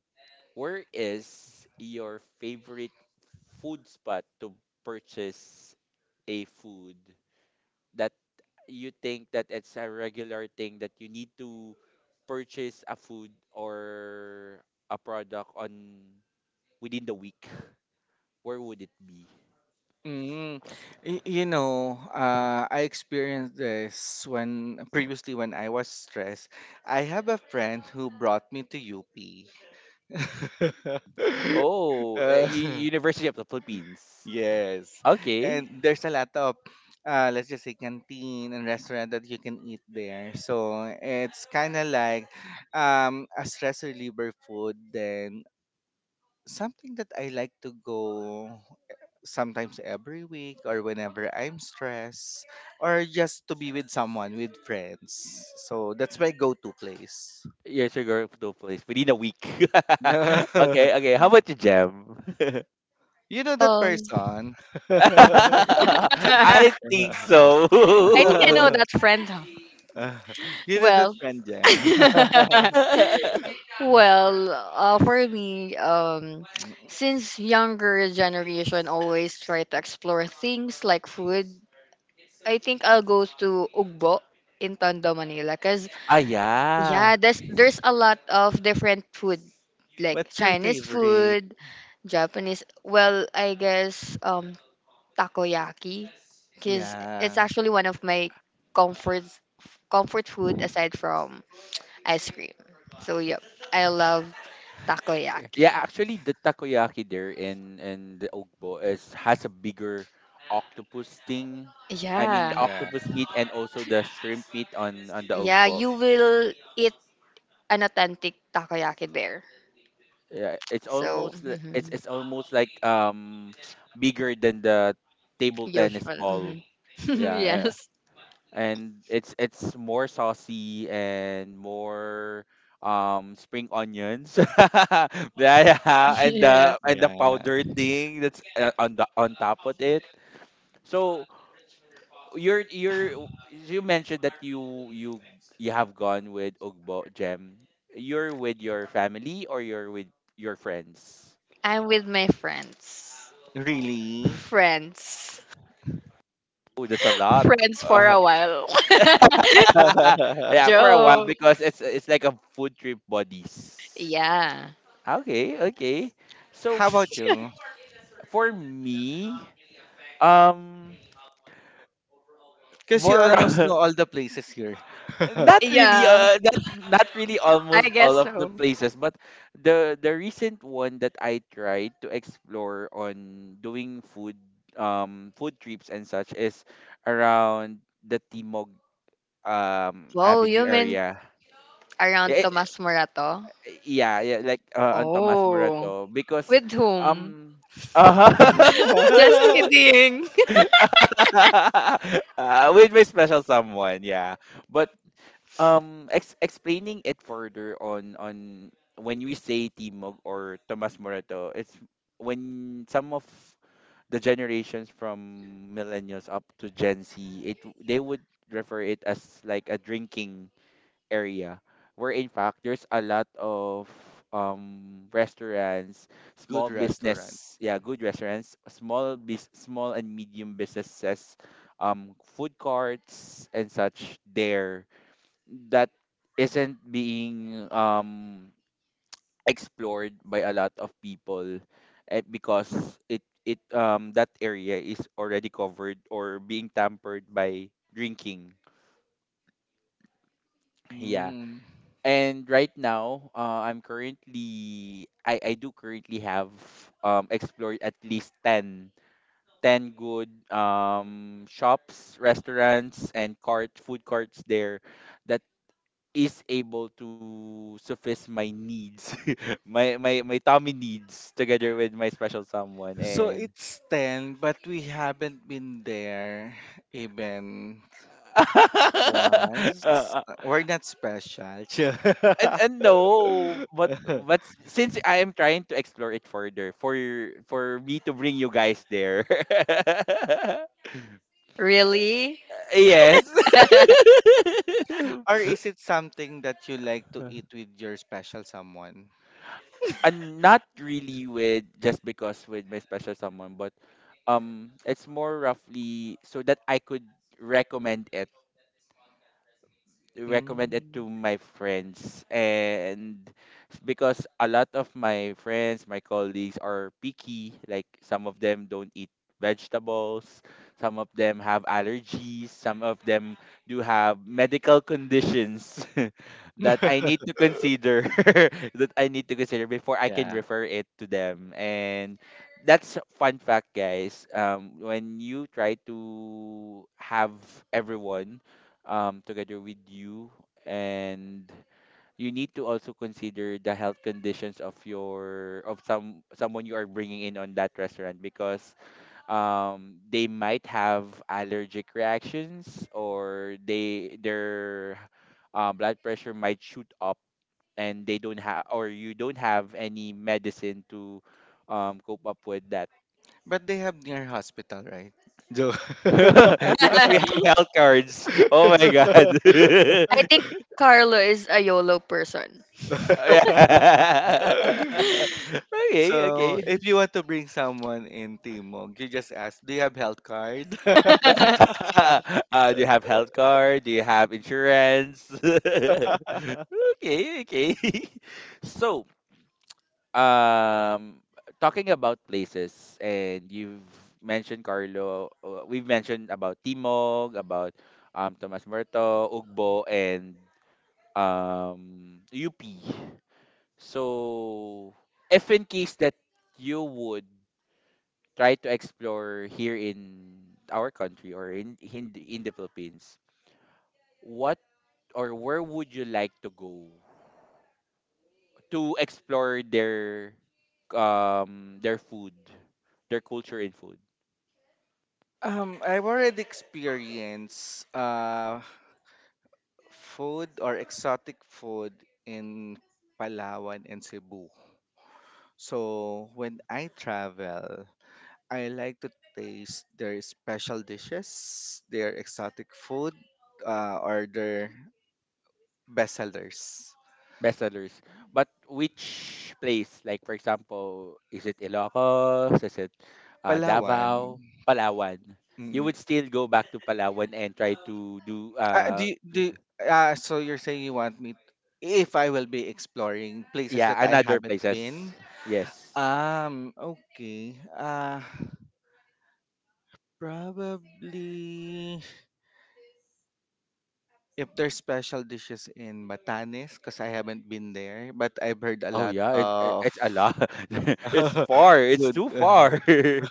A: where is your favorite food spot to purchase a food that you think that it's a regular thing that you need to purchase a food or a product on within the week? Where would it be?
C: Mm, y- you know, uh, I experienced this when previously when I was stressed. I have a friend who brought me to U P.
A: Oh, uh, U-
C: Uh,
A: University of the Philippines.
C: yes,
A: Okay.
C: and there's a lot of, uh, let's just say, canteen and restaurant that you can eat there. So it's kind of like um, a stress reliever food. Then something that I like to go eh, sometimes every week or whenever I'm stressed or just to be with someone, with friends. So that's my go to place.
A: Yes, you're going to a place within a week.
C: You
A: Okay, okay. How about you, Jam?
C: know that person.
B: I
A: I think so.
B: think I know that friend. Huh?
C: You know that
B: Well.
C: friend, Jam.
A: Ah,
B: Well, uh, for me, um, since younger generation always try to explore things like food, I think I'll go to Ugbo in Tondo, Manila. Cause
A: yeah.
B: yeah, there's there's a lot of different food, like
C: What's your
B: Chinese
C: favorite?
B: food, Japanese. Well, I guess um, takoyaki, cause it's
C: Yeah.
B: actually one of my comfort comfort food aside from ice cream. So yep, I love
A: Yeah,
B: takoyaki.
A: actually, the takoyaki there in in the Ogbo is has a bigger octopus thing. I mean, the
B: Yeah.
C: Yeah.
A: octopus meat and also the shrimp meat on on the
B: Yeah,
A: Ogbo.
B: you will eat an authentic takoyaki there.
A: Yeah, it's
B: So,
A: almost li- it's
B: mm-hmm,
A: it's almost like, um, bigger than the table tennis
B: usual.
A: ball.
B: Hmm.
A: Yeah, uh,
B: Yes.
A: and it's it's more saucy and more um spring onions. Yeah, yeah, and
B: Yes.
A: the and the
C: Yeah.
A: powder thing that's, uh, on the on top of it. So you're you're you mentioned that you you you have gone with Ugbo, Gem. You're with your family or you're with your friends?
B: I'm with my friends.
C: Really?
B: Friends.
A: Oh, that's a lot.
B: Friends for
A: Uh,
B: a while.
A: yeah, for a while
B: Joke.
A: because it's it's like a food trip buddies.
B: Yeah.
A: Okay, okay. So
C: How about you?
A: for me, um,
C: Because you
A: more
C: almost know all the places here.
A: not really
B: Yeah.
A: uh not not really
B: I
A: almost
B: guess
A: all of the
B: so.
A: places, but the the recent one that I tried to explore on doing food um food trips and such is around the Timog um
B: Wow,
A: Avenue
B: you mean
A: area.
B: around
A: Yeah.
B: Tomas Morato?
A: Yeah, yeah, like uh, on Tomas
B: Oh.
A: Morato because
B: With whom?
A: um uh
B: Just kidding.
A: uh, with my special someone, yeah. But um ex- explaining it further on on when we say Timog or Tomas Morato, it's when some of the generations from millennials up to Gen Z, it they would refer it as like a drinking area, where in fact there's a lot of um restaurants,
C: Good
A: small
C: restaurant.
A: business, yeah, good restaurants, small bis- small and medium businesses, um food courts and such there that isn't being um explored by a lot of people. Eh, because it it um that area is already covered or being tampered by drinking. Yeah.
C: Mm.
A: And right now, uh, I'm currently I I do currently have um explored at least ten ten good um shops, restaurants and cart food carts there that is able to suffice my needs. my my my tummy needs together with my special someone
C: So
A: and
C: it's ten, but we haven't been there even once.
A: uh,
C: We're not special.
A: and and no, but but since I am trying to explore it further for for me to bring you guys there.
B: Really?
A: Yes.
C: Or is it something that you like to eat with your special someone?
A: And not really with just because with my special someone, but um it's more roughly so that I could recommend it recommend it to
C: Mm.
A: my friends. And s- because a lot of my friends, my colleagues, are picky. Like, some of them don't eat vegetables, some of them have allergies, some of them do have medical conditions that I need to consider, that I need to consider before I can
C: Yeah.
A: refer it to them. And that's a fun fact, guys. Um when you try to have everyone um, together with you. And you need to also consider the health conditions of your of some someone you are bringing in on that restaurant, because um, they might have allergic reactions, or they their uh, blood pressure might shoot up and they don't have, or you don't have, any medicine to um, cope up with that.
C: But they have near hospital, right? Joke.
A: Because we have health cards. Oh my god.
B: I think Carlo is a YOLO person.
A: Yeah. Okay,
C: So
A: okay.
C: if you want to bring someone in Timog, you just ask, do you have health card?
A: Uh, do you have health card? Do you have insurance? Okay, okay. So, um, talking about places, and you've mentioned Carlo. uh, We've mentioned about Timog, about um Tomas Muerto, Ugbo, and um U P. So, if in case that you would try to explore here in our country, or in in the, in the Philippines, what or where would you like to go to explore their um their food, their culture in food,
C: um, I've already experienced uh, food or exotic food in Palawan and Cebu. So when I travel, I like to taste their special dishes, their exotic food, uh, or their bestsellers.
A: best sellers? But which place? Like, for example, is it Ilocos? Is it uh,
C: Palawan,
A: Davao? Palawan? You
C: mm,
A: would still go back to Palawan and try to do
C: Uh, do
A: uh
C: you, do uh, so you're saying you want me if I will be exploring places
A: yeah,
C: that I
A: another
C: haven't
A: places.
C: been?
A: Yes.
C: Um, okay. Uh probably if there's special dishes in Batanes because I haven't been there, but I've heard a
A: Oh
C: lot
A: yeah, it, it,
C: of
A: it's a lot. It's far. It's
C: good
A: too far.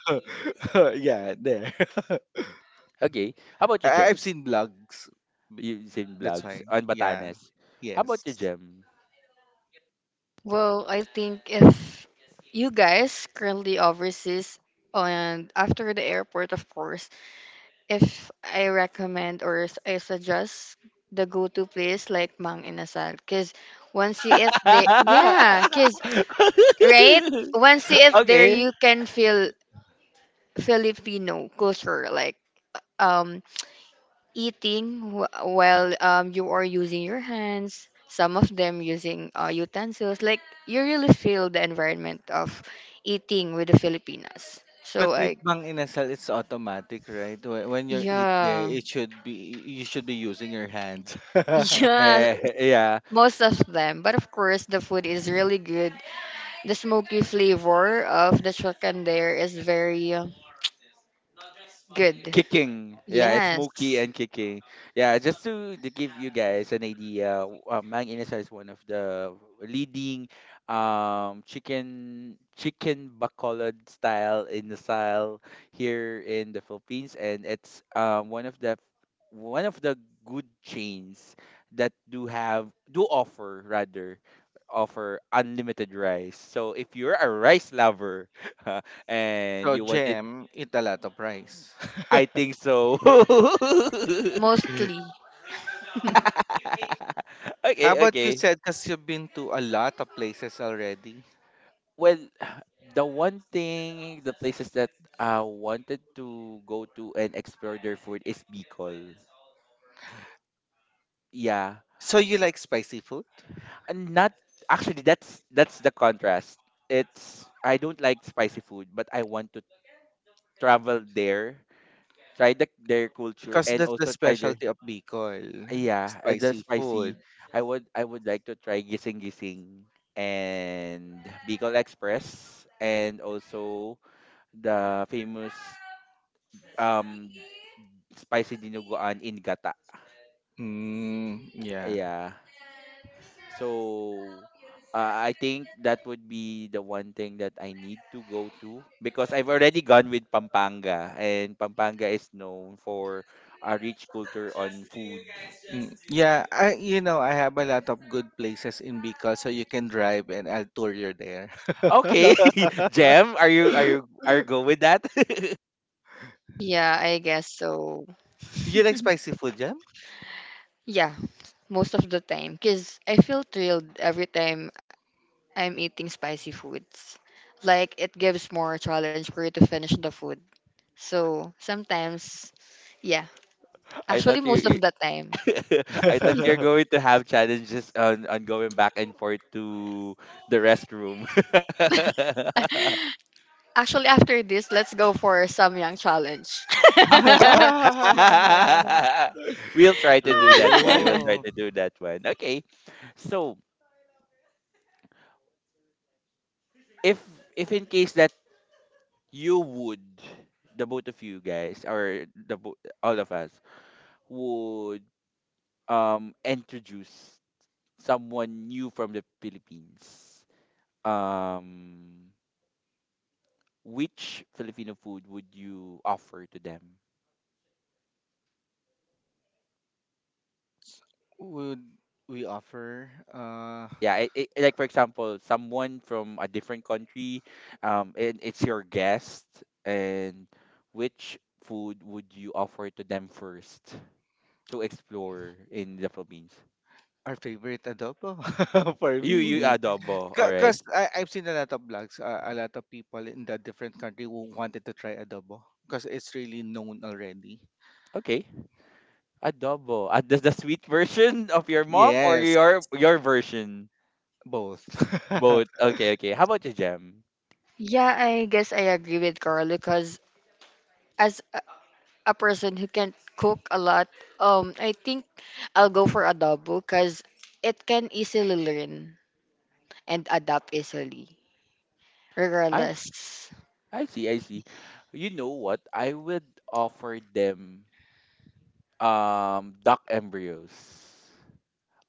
C: yeah, there.
A: Okay. How about you,
C: I-
A: Jem?
C: I've seen blogs. b-
A: You same
C: That's
A: vlogs
C: why.
A: on
C: Yeah.
A: Batanes. How about you,
C: Yes.
A: Jem?
B: Well, I think if you guys currently overseas and after the airport, of course, if I recommend or s- I suggest the go-to place like Mang Inasal, because once you eat there, yeah, because right, once you eat there,
A: Okay.
B: you can feel Filipino culture, like um eating wh- while, um, you are using your hands, some of them using uh, utensils, like you really feel the environment of eating with the filipinas,
C: But
B: so
C: with
B: I,
C: Mang Inasal, it's automatic, right? Wh- When you eat there,
B: yeah.
C: it should be you should be using your hands.
B: Yeah,
A: Eh, yeah.
B: most of them, but of course the food is really good, the smoky flavor of the chicken there is very uh, good.
A: Kicking. Yeah, it's smoky
B: Yes,
A: and kicking. Yeah, just to, to give you guys an idea, w- uh, Mang Inasal is one of the leading um chicken chicken bacolod style in the style here in the Philippines, and it's um one of the one of the good chains that do have do offer, rather, offer unlimited rice. So if you're a rice lover and
C: So
A: you wanted
C: Jem, eat a lot of rice.
A: I think so.
B: mostly.
C: How
A: Okay,
C: about you
A: okay.
C: said because you've been to a lot of places already?
A: Well, the one thing, the places that I wanted to go to and explore their food is Bicol. Yeah,
C: So you like spicy food?
A: and not actually. That's that's the contrast. It's I don't like spicy food, but I want to travel there, try the, their culture,
C: Because
A: and
C: that's the
A: also try their
C: specialty of Bicol,
A: yeah, uh, the
C: spicy
A: spicy.
C: food.
A: I would I would like to try Gising Gising and Bicol Express, and also the famous um spicy dinuguan in Gata.
C: Mm, yeah.
A: Yeah. So, uh, I think that would be the one thing that I need to go to, because I've already gone with Pampanga, and Pampanga is known for a rich culture on food.
C: Mm, yeah, I you know, I have a lot of good places in Bicol so you can drive and I'll tour you there.
A: Okay. Jem, are you are you are you go with that?
B: Yeah, I guess so.
C: You like spicy food, Jam?
B: Yeah, most of the time. Because I feel thrilled every time I'm eating spicy foods. Like it gives more challenge for you to finish the food. So sometimes, yeah,
A: I
B: actually
A: thought you,
B: most
A: you
B: of the time.
A: I thought you're going to have challenges on, on going back and forth to the restroom.
B: Actually, after this, let's go for Samyang challenge.
A: We'll try to do that one. We'll try
C: True.
A: to do that one. Okay. So, if if in case that you would the both of you guys or the bo- all of us would um introduce someone new from the Philippines. Um which Filipino food would you offer to them?
C: Would we offer uh
A: Yeah, it, it, like, for example, someone from a different country, um, and it's your guest, and which food would you offer to them first to explore in the Philippines?
C: our favorite adobo for
A: You, you
C: me?
A: adobo, all right?
C: Because I I've seen a lot of blogs, uh, a lot of people in the different country who wanted to try adobo because it's really known already.
A: Okay, adobo. Uh, the, the sweet version of your mom or
C: Yes,
A: your your version?
C: both. uh,
A: Both. Okay, okay. How about you, Jam?
B: yeah, I guess I agree with Carl because as a a person who can cook a lot, um, I think I'll go for adobo because it can easily learn and adapt easily,
A: I
B: regardless.
A: I see, I see. You know what? I would offer them um duck embryos,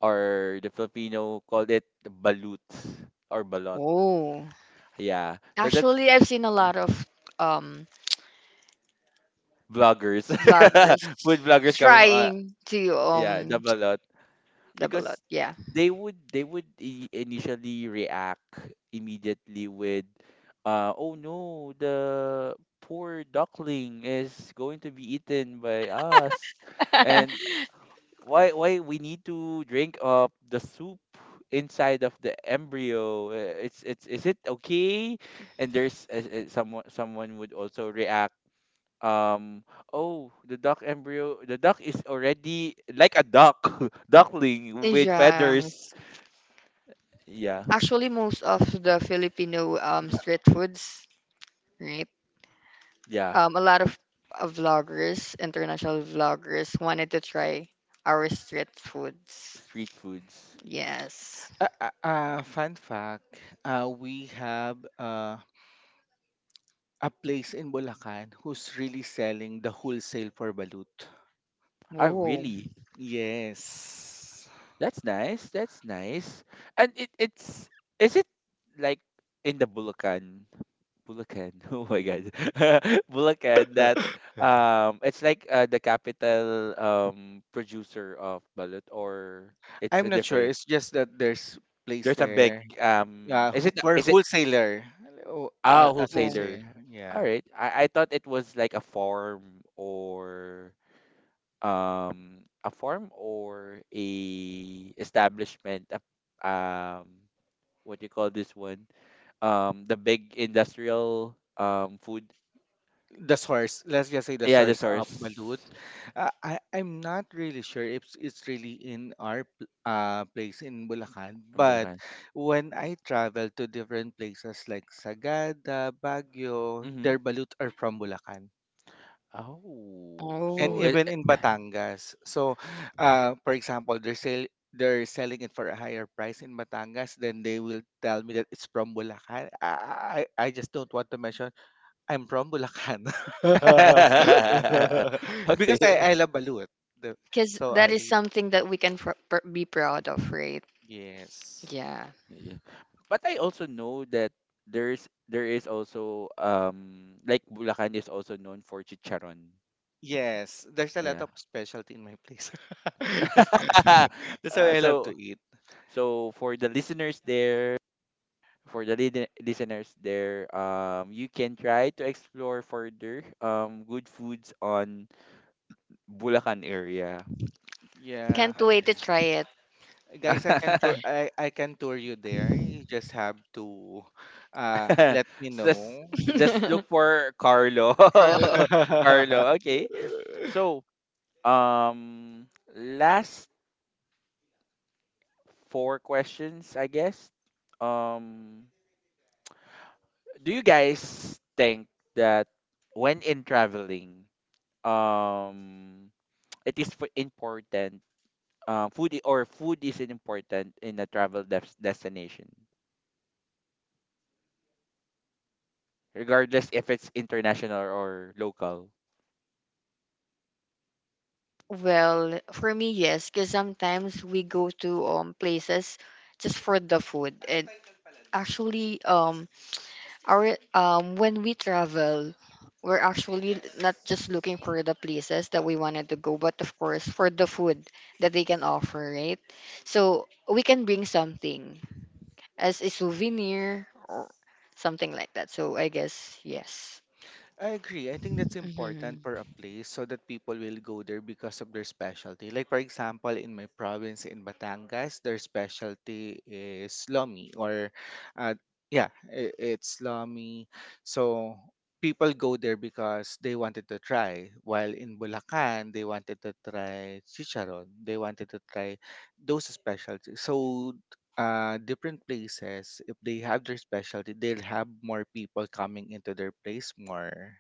A: or the Filipino called it baluts or balot.
B: Oh,
A: Yeah. So that
B: actually, I've seen a lot of um
A: bloggers
B: vloggers
A: food bloggers coming uh,
B: trying to
A: yeah, the
B: um
A: balot,
B: double
A: because
B: up. Yeah.
A: they would they would i- initially react immediately with uh oh no, the poor duckling is going to be eaten by us. And why why we need to drink up the soup inside of the embryo. Uh, it's it's is it okay? And there's uh, uh, someone someone would also react um oh, the duck embryo, the duck is already like a duck duckling with feathers.
B: Yes.
A: Yeah.
B: Actually, most of the Filipino um street foods, right?
A: Yeah,
B: Um, a lot of uh, vloggers, international vloggers, wanted to try our street foods.
A: street foods.
B: Yes.
C: uh, uh, fun fact: uh, we have uh a place in Bulacan who's really selling the wholesale for balut.
A: Oh
B: Oh,
A: really?
C: Yes.
A: That's nice, that's nice. And it it's is it like in the Bulacan Bulacan. Oh my God. Bulacan, that um it's like, uh, the capital um producer of balut, or it's
C: I'm
A: a
C: not sure.
A: different
C: It's just that there's place
A: there's a
C: there.
A: big um
C: Yeah,
A: is
C: who-
A: it
C: for
A: is it
C: wholesaler, o- a-
A: ah,
C: as we
B: oh,
A: wholesaler.
C: say.
A: All
C: Yeah.
A: right. I I thought it was like a farm, or um a farm, or a establishment, a, um what you call this one, um the big industrial um food,
C: The source. Let's just say the
A: yeah, the
C: source of balut.
A: source.
C: Uh, I I'm not really sure if it's it's really in our pl- uh place in Bulacan,
A: In
C: but
A: Bulacan.
C: when I travel to different places like Sagada, Baguio,
A: Mm-hmm.
C: their balut are from Bulacan.
A: Oh,
C: And
A: so
B: oh.
A: it,
C: even in Batangas. So, uh, for example, they're sell they're selling it for a higher price in Batangas, then they will tell me that it's from Bulacan. I I, I just don't want to mention I'm from Bulacan because I
A: okay.
C: I love balut. The-
B: Because
C: So
B: that
A: Uh,
B: is
C: I
B: something that we can pr- pr- be proud of, right?
C: yes.
B: Yeah.
A: yeah. But I also know that there's there is also um like Bulacan is also known for chicharon.
C: Yes, there's a lot
A: Yeah.
C: of specialty in my place. That's, that's how
A: Uh,
C: I love to
A: so,
C: eat.
A: so for the listeners there, for the lide- listeners there, um you can try to explore further um good foods on Bulacan area.
C: Yeah.
B: Can't wait to try
C: Guys, I can tour I, I can tour you there. You just have to uh let me
A: Just
C: know.
A: just look
B: it.
A: for Carlo.
B: Charlotte.
A: Carlo, okay. So, um last four questions, I guess. Um do you guys think that when in traveling, um it is f- important uh, food I- or food is important in a travel des- destination, regardless if it's international or local.
B: Well, for me, yes, because sometimes we go to um places just for the food. And actually, um, our um when we travel, we're actually not just looking for the places that we wanted to go, but of course for the food that they can offer, right? So we can bring something as a souvenir or something like that. So I guess yes.
C: I agree. I think that's important for
B: Mm-hmm.
C: a place so that people will go there because of their specialty. Like for example, in my province in Batangas, their specialty is lomi or uh yeah, i- it's lomi. So people go there because they wanted to try. While in Bulacan, they wanted to try chicharon. They wanted to try those specialties. So uh different places if they have their specialty they'll have more people coming into their place more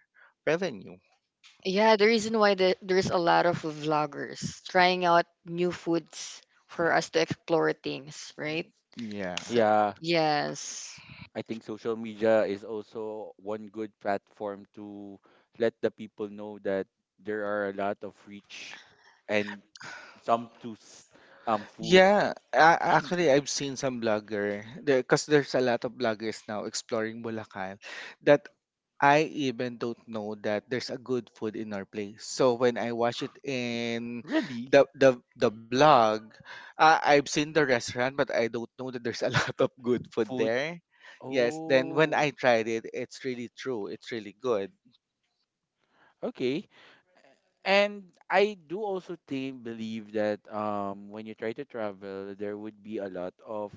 C: revenue
B: Yeah, the reason why the, there's a lot of vloggers trying out new foods for us to explore things, right?
C: yeah
B: So,
A: Yeah,
B: yes.
A: I think social media is also one good platform to let the people know that there are a lot of rich and some to s- um food.
C: yeah a- actually I've seen some blogger because there's a lot of bloggers now exploring bulacan that I even don't know that there's a good food in our place. So when I watch it in
A: Really?
C: the the the blog, uh, I've seen the restaurant, but I don't know that there's a lot of good food
A: Food.
C: there. Yes, then when
A: Oh,
C: I tried it, it's really true. It's really good.
A: okay. And I do also think, believe, that um when you try to travel, there would be a lot of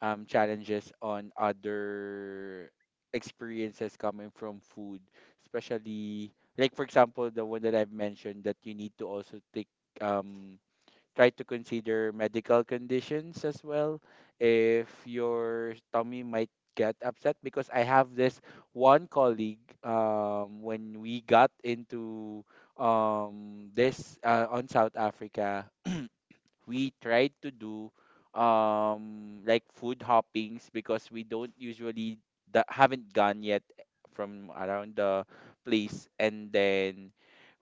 A: um challenges on other experiences coming from food, especially, like, for example, the one that I've mentioned, that you need to also take um try to consider medical conditions as well, if your tummy might get upset, because I have this one colleague, um when we got into um this uh, on South Africa. We tried to do um like food hoppings, because we don't usually that haven't gone yet from around the place. And then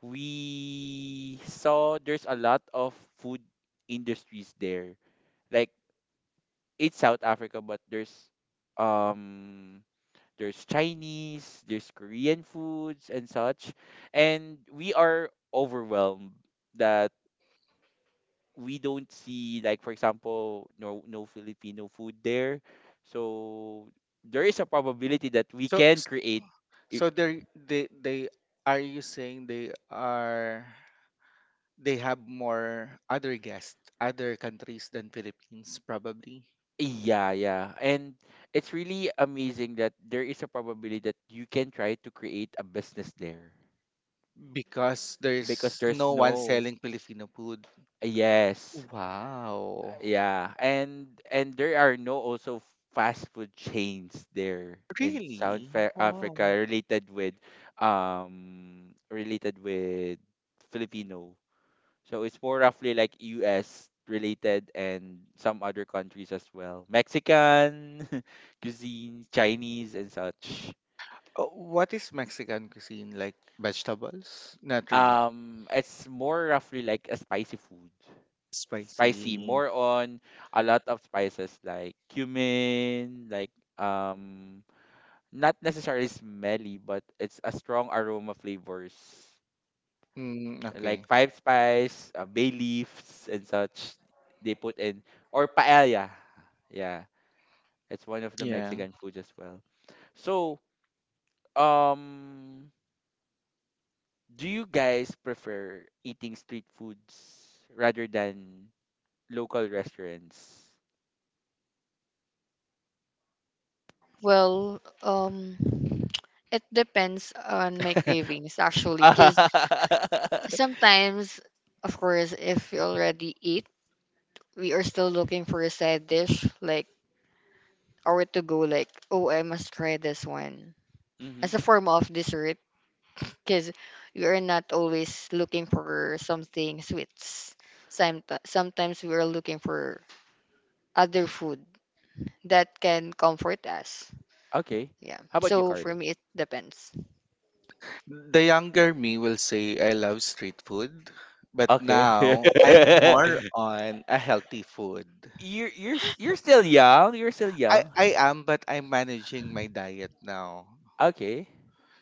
A: we saw there's a lot of food industries there. Like, it's South Africa, but there's um there's Chinese, there's Korean foods and such. And we are overwhelmed that we don't see, like, for example, no no Filipino food there. So there is a probability that we
C: So
A: can
C: s-
A: create i-
C: so they they they are you saying they are they have more other guests, other countries than Philippines probably
A: yeah, yeah. And it's really amazing that there is a probability that you can try to create a business there
C: because
A: because
C: there's
A: there's
C: no one
A: no,
C: selling Filipino food.
A: yes.
C: Wow.
A: Yeah. And and there are no also fast food chains there in South
C: Really?
A: Fa-
C: Wow.
A: Africa related with um related with Filipino. So it's more roughly like U S related, and some other countries as well. Mexican cuisine, Chinese and such.
C: Uh, what is Mexican cuisine? Like vegetables? Not really.
A: Um it's more roughly like a spicy food. Spicy,
C: Spicy.
A: more on a lot of spices like cumin, like, um not necessarily smelly, but it's a strong aroma flavors.
C: Mm, okay.
A: Like five spice, uh, bay leaves and such they put in, or paella. Yeah, it's one of the
C: Yeah.
A: Mexican foods as well. So, um, do you guys prefer eating street foods rather than local restaurants?
B: Well, um, it depends on my cravings actually,
A: Mm-hmm.
B: because sometimes, of course, if we already eat, we are still looking for a side dish, like or to go, like, oh, I must try this one as a form of dessert because you're not always looking for something sweets. Somet- Sometimes we are looking for other food that can comfort us.
A: Okay.
B: Yeah.
A: How about you,
B: So for
A: Carlo?
B: me, it depends.
C: The younger me will say I love street food, but
A: Okay.
C: now I'm more on a healthy food.
A: You're you're s- you're still young. You're still
C: I,
A: young.
C: I am, but I'm managing my diet now.
A: Okay.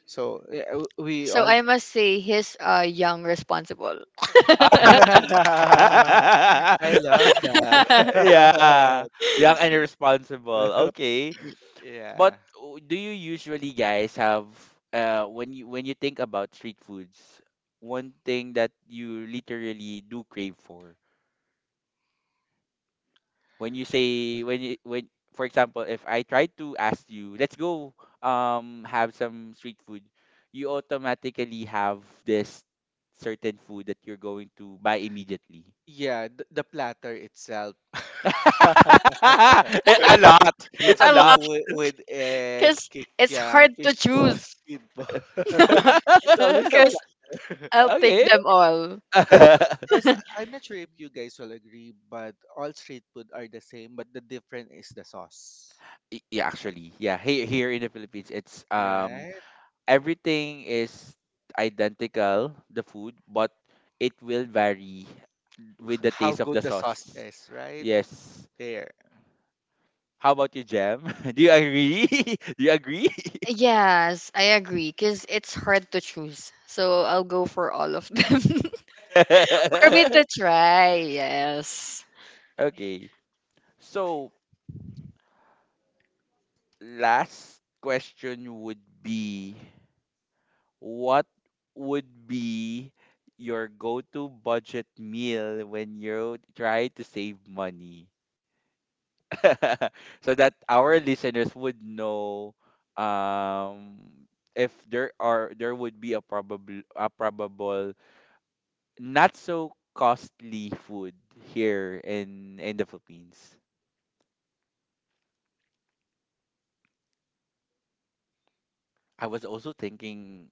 C: So yeah, w- we
B: So
C: all.
B: I must say he's uh, young, responsible.
C: I love
B: I
A: yeah.
C: that.
A: Young and irresponsible. Okay. But
C: Yeah.
A: w- do you usually guys have uh when you when you think about street foods, one thing that you literally do crave for? When you say when you when for example, if I try to ask you, let's go um have some street food, you automatically have this certain food that you're going to buy immediately.
C: Yeah, the, the platter itself.
A: A lot. It's
C: With,
A: a
B: love
A: lot.
C: with, with egg,
B: because
C: kick,
B: it's
C: yeah,
B: hard
C: fish
B: to
C: ball,
B: choose
C: squid ball.
B: because
C: It's always a platter.
B: I'll take
A: Okay.
B: them all.
C: Because I'm not sure if you guys will agree, but all street food are the same, but the difference is the sauce.
A: Y- yeah, actually, yeah. Here, here in the Philippines, it's um
C: Right?
A: everything is identical, the food, but it will vary with the
C: How
A: taste of
C: good
A: the
C: the sauce
A: sauce.
C: is, right?
A: Yes.
C: There.
A: How about you, Jem? Do you agree? Do you agree?
B: Yes, I agree because it's hard to choose. So I'll go for all of them. For me to try, yes.
A: Okay. So, last question would be, what would be your go-to budget meal when you try to save money? So that our listeners would know um if there are there would be a probable a probable not so costly food here in in the Philippines. I was also thinking,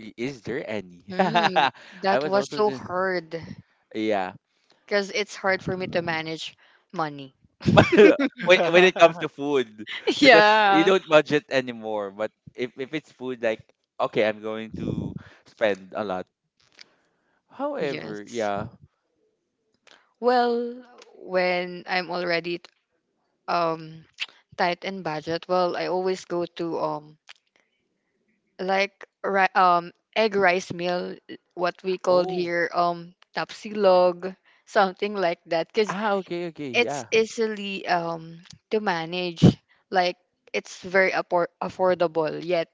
A: i- is there any?
B: Hmm,
A: I
B: that
A: was
B: was
A: also
B: so
A: th-
B: hard
A: yeah.
B: because it's hard for me to manage money.
A: when when it comes to food, because you
B: Yeah.
A: don't budget anymore. But if if it's food, like, okay, I'm going to spend a lot. However,
B: Yes.
A: yeah,
B: Well, when I'm already um tight in budget, well, I always go to um like ri- um egg rice meal, what we called
A: oh.
B: here um
A: y-
B: tapsilog, something like that, cause.
A: Ah, okay, okay, yeah.
B: It's easily um to manage, like it's very appor- affordable yet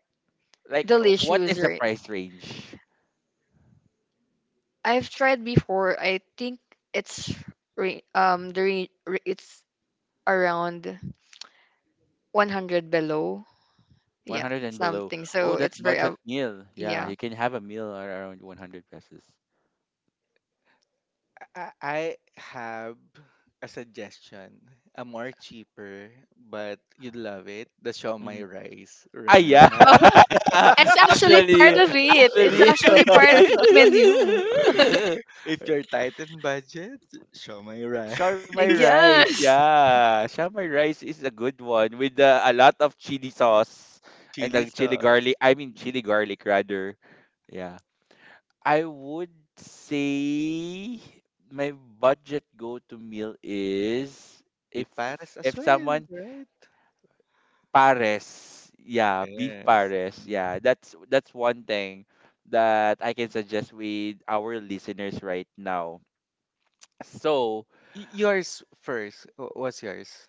A: Like, uh, what is
B: delicious,
A: the
B: right?
A: price range?
B: I've tried before, I think it's re- um the re- re- it's around one hundred below, yeah,
A: one hundred and below.
B: something,
A: Oh,
B: so
A: that's
B: it's very
A: budget
B: uh,
A: meal. Yeah,
B: yeah.
A: you can have a meal ar- around one hundred pesos.
C: I I have a suggestion, a more cheaper, but you'd love it. The my
A: Hmm.
C: rice,
A: Ah,
C: right?
A: yeah.
B: Oh, it's actually part
A: actually,
B: of it it's
A: actually.
B: actually part of the menu.
C: If you're tight in budget, my
A: Sharmai
C: rice,
A: rice.
B: Yes.
A: Yeah, sharmai rice is a good one with uh, a lot of chili sauce and
C: chili
A: the chili garlic.
C: sauce,
A: I mean, chili garlic, rather. Yeah. I would say my budget go-to meal is if
C: piparas as
A: if
C: well,
A: someone
C: right?
A: pares, yeah, beef
C: Yes.
A: pares,
C: Mm.
A: yeah. That's that's one thing that I can suggest with our listeners right now. So
C: Y- Yours first. Wh- What's yours?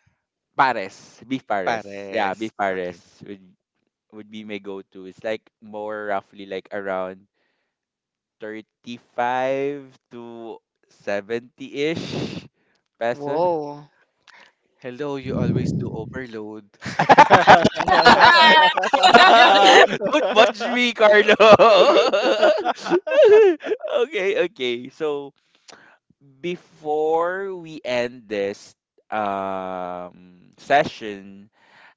A: pares, beef pares, yeah,
C: Pares.
A: beef
C: Okay.
A: pares would would be my go-to. It's like more roughly like around thirty-five to seventy-ish peso.
B: Whoa.
C: Hello, you always do overload.
A: Don't punch me, Carlo. Okay, okay. So, before we end this um session,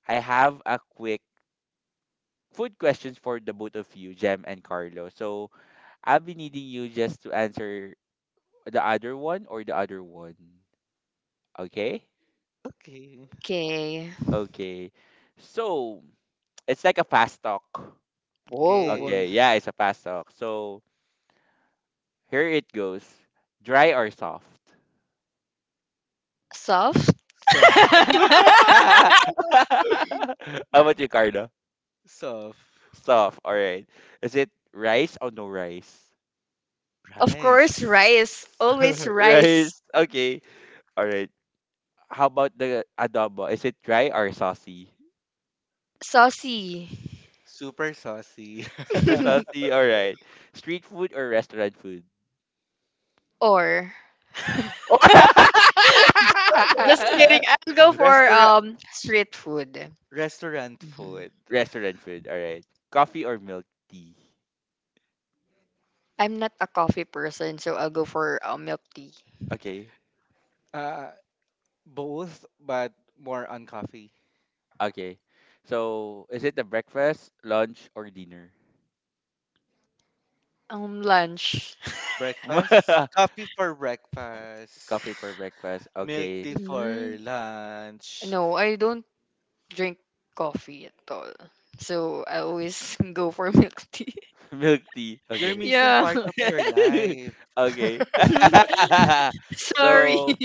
A: I have a quick food questions for the both of you, Jem and Carlo. So I'll be needing you just to answer the other one or the other one. Okay?
C: Okay,
B: Okay.
A: Okay. So it's like a fast talk.
B: Whoa.
A: Okay,
C: okay.
A: yeah, it's a fast talk. So, here it goes. Dry or soft?
B: Soft.
C: Soft,
A: How about you, Carla?
C: soft.
A: Soft. All right. Is it rice or no rice?
B: Of
C: Rice.
B: course, rice. Always rice.
A: Rice. Okay. All right. How about the adobo? Is it dry or saucy?
B: Saucy.
C: Super saucy.
A: Super saucy. All right. Street food or restaurant food?
B: or just kidding. I'll go for
C: Restaurant
B: um street food.
C: restaurant
B: Mhm.
C: food.
A: Restaurant food. All right. Coffee or milk tea?
B: I'm not a coffee person, so I'll go for uh, milk tea.
A: Okay.
C: Uh both but more on coffee.
A: Okay. So, is it the breakfast, lunch, or dinner?
B: Um, lunch.
C: Breakfast. Coffee for
A: Coffee for
C: breakfast.
A: breakfast.
C: Milk
A: Okay.
C: tea
B: Mm.
C: for lunch.
B: No, I don't drink coffee at all. So I always go for milk tea.
A: Milk tea.
C: You're
A: Okay.
C: missing
B: Yeah.
C: part of your life.
A: Okay.
B: Sorry.
A: So,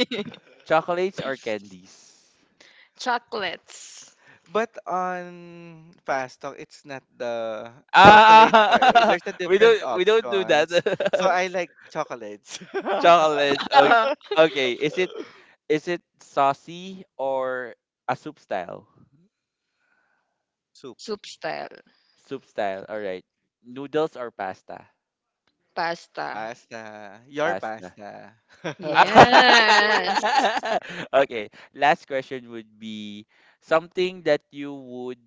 A: chocolates or candies?
B: Chocolates.
C: But on fast talk, it's not the
A: Ah,
C: chocolates. Or, eh, there's a
A: we
C: different
A: don't we don't do that.
C: options. So I like chocolates.
A: Chocolates. Okay. Okay. Is it is it saucy or a soup style?
C: Soup,
B: Soup style.
A: Soup style. All right. Noodles or pasta?
B: Pasta.
C: pasta, your
A: Pasta.
C: pasta.
B: Yes.
A: Okay. Last question would be something that you would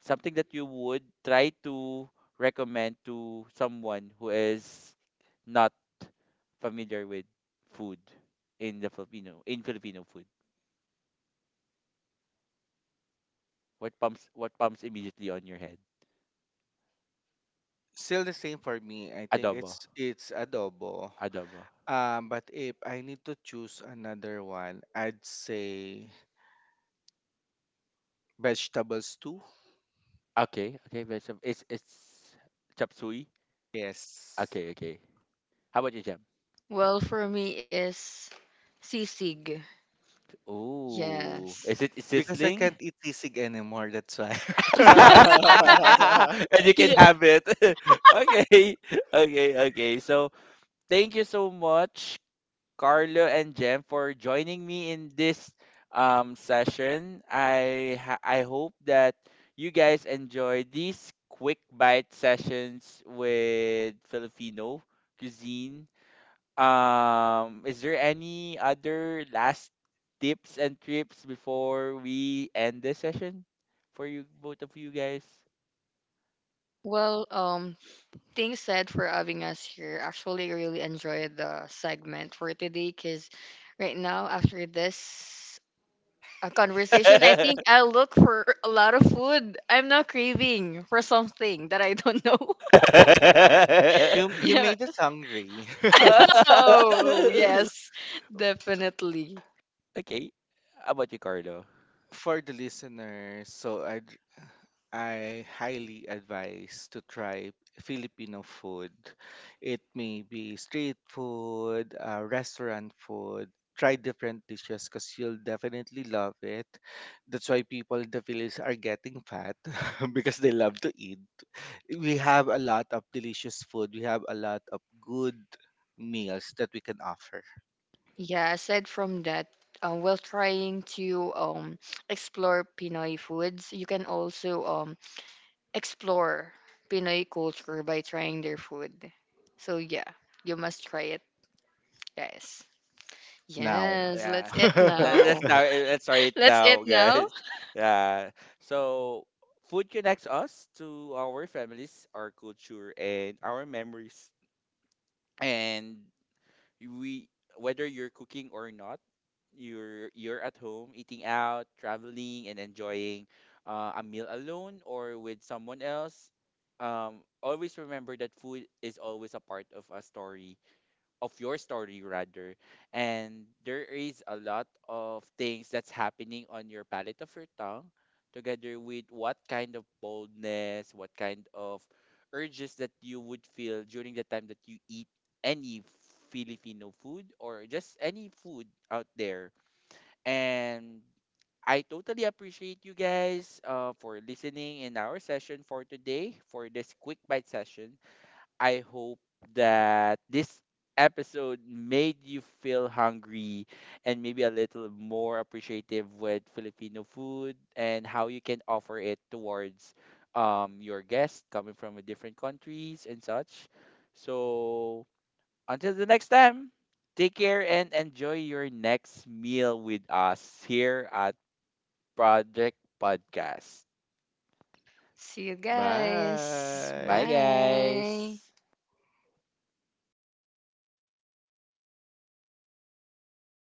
A: something that you would try to recommend to someone who is not familiar with food in the Filipino in Filipino food? What pumps what pumps immediately on your head?
C: Still the same for me. I think
A: Adobo.
C: it's it's adobo.
A: Adobo.
C: Um, but if I need to choose another one, I'd say vegetables too.
A: Okay, okay, vegetable. It's it's chop suey.
C: Yes.
A: Okay, okay. How about you, Jam?
B: Well, for me is sisig.
A: Oh,
B: Yes.
A: is it
C: Because I
A: sizzling?
C: can't eat sisig anymore, that's why.
A: And you can
B: Yeah.
A: have it. Okay, okay, okay. So, thank you so much, Carlo and Jem, for joining me in this um, session. I ha- I hope that you guys enjoy these quick bite sessions with Filipino cuisine. Um, is there any other last tips and trips before we end the session for you both of you guys?
B: Well, um, thanks said for having us here. Actually, I really enjoyed the segment for today because right now, after this uh, conversation, I think I'll look for a lot of food. I'm now craving for something that I don't know.
C: You you
B: Yeah.
C: made us hungry
B: Oh, yes. Definitely.
A: Okay, how about you, Carlo?
C: for the listeners. So I I highly advise to try Filipino food. It may be street food, uh, restaurant food. Try different dishes because you'll definitely love it. That's why people in the village are getting fat because they love to eat. We have a lot of delicious food. We have a lot of good meals that we can offer
B: Yeah, aside from that, um, while trying to um, explore Pinoy foods, you can also um, explore Pinoy culture by trying their food. So, yeah, you must try it, guys.
C: now.
B: Yes,
A: Yeah.
B: let's eat
A: That, that's
B: now.
A: how it- that's right
B: Let's eat
A: now,
B: now.
A: guys. Yeah. So, food connects us to our families, our culture, and our memories. And we whether you're cooking or not, you're you're at home, eating out, traveling, and enjoying uh, a meal alone or with someone else. Um, always remember that food is always a part of a story, of your story, rather. And there is a lot of things that's happening on your palate of your tongue, together with what kind of boldness, what kind of urges that you would feel during the time that you eat any Filipino food, or just any food out there. And I totally appreciate you guys uh, for listening in our session for today, for this quick bite session. I hope that this episode made you feel hungry and maybe a little more appreciative with Filipino food, and how you can offer it towards um, your guests coming from a different countries and such. So, until the next time, take care and enjoy your next meal with us here at Project Podcast.
B: See you guys.
A: Bye,
C: Bye.
B: Bye.
A: guys.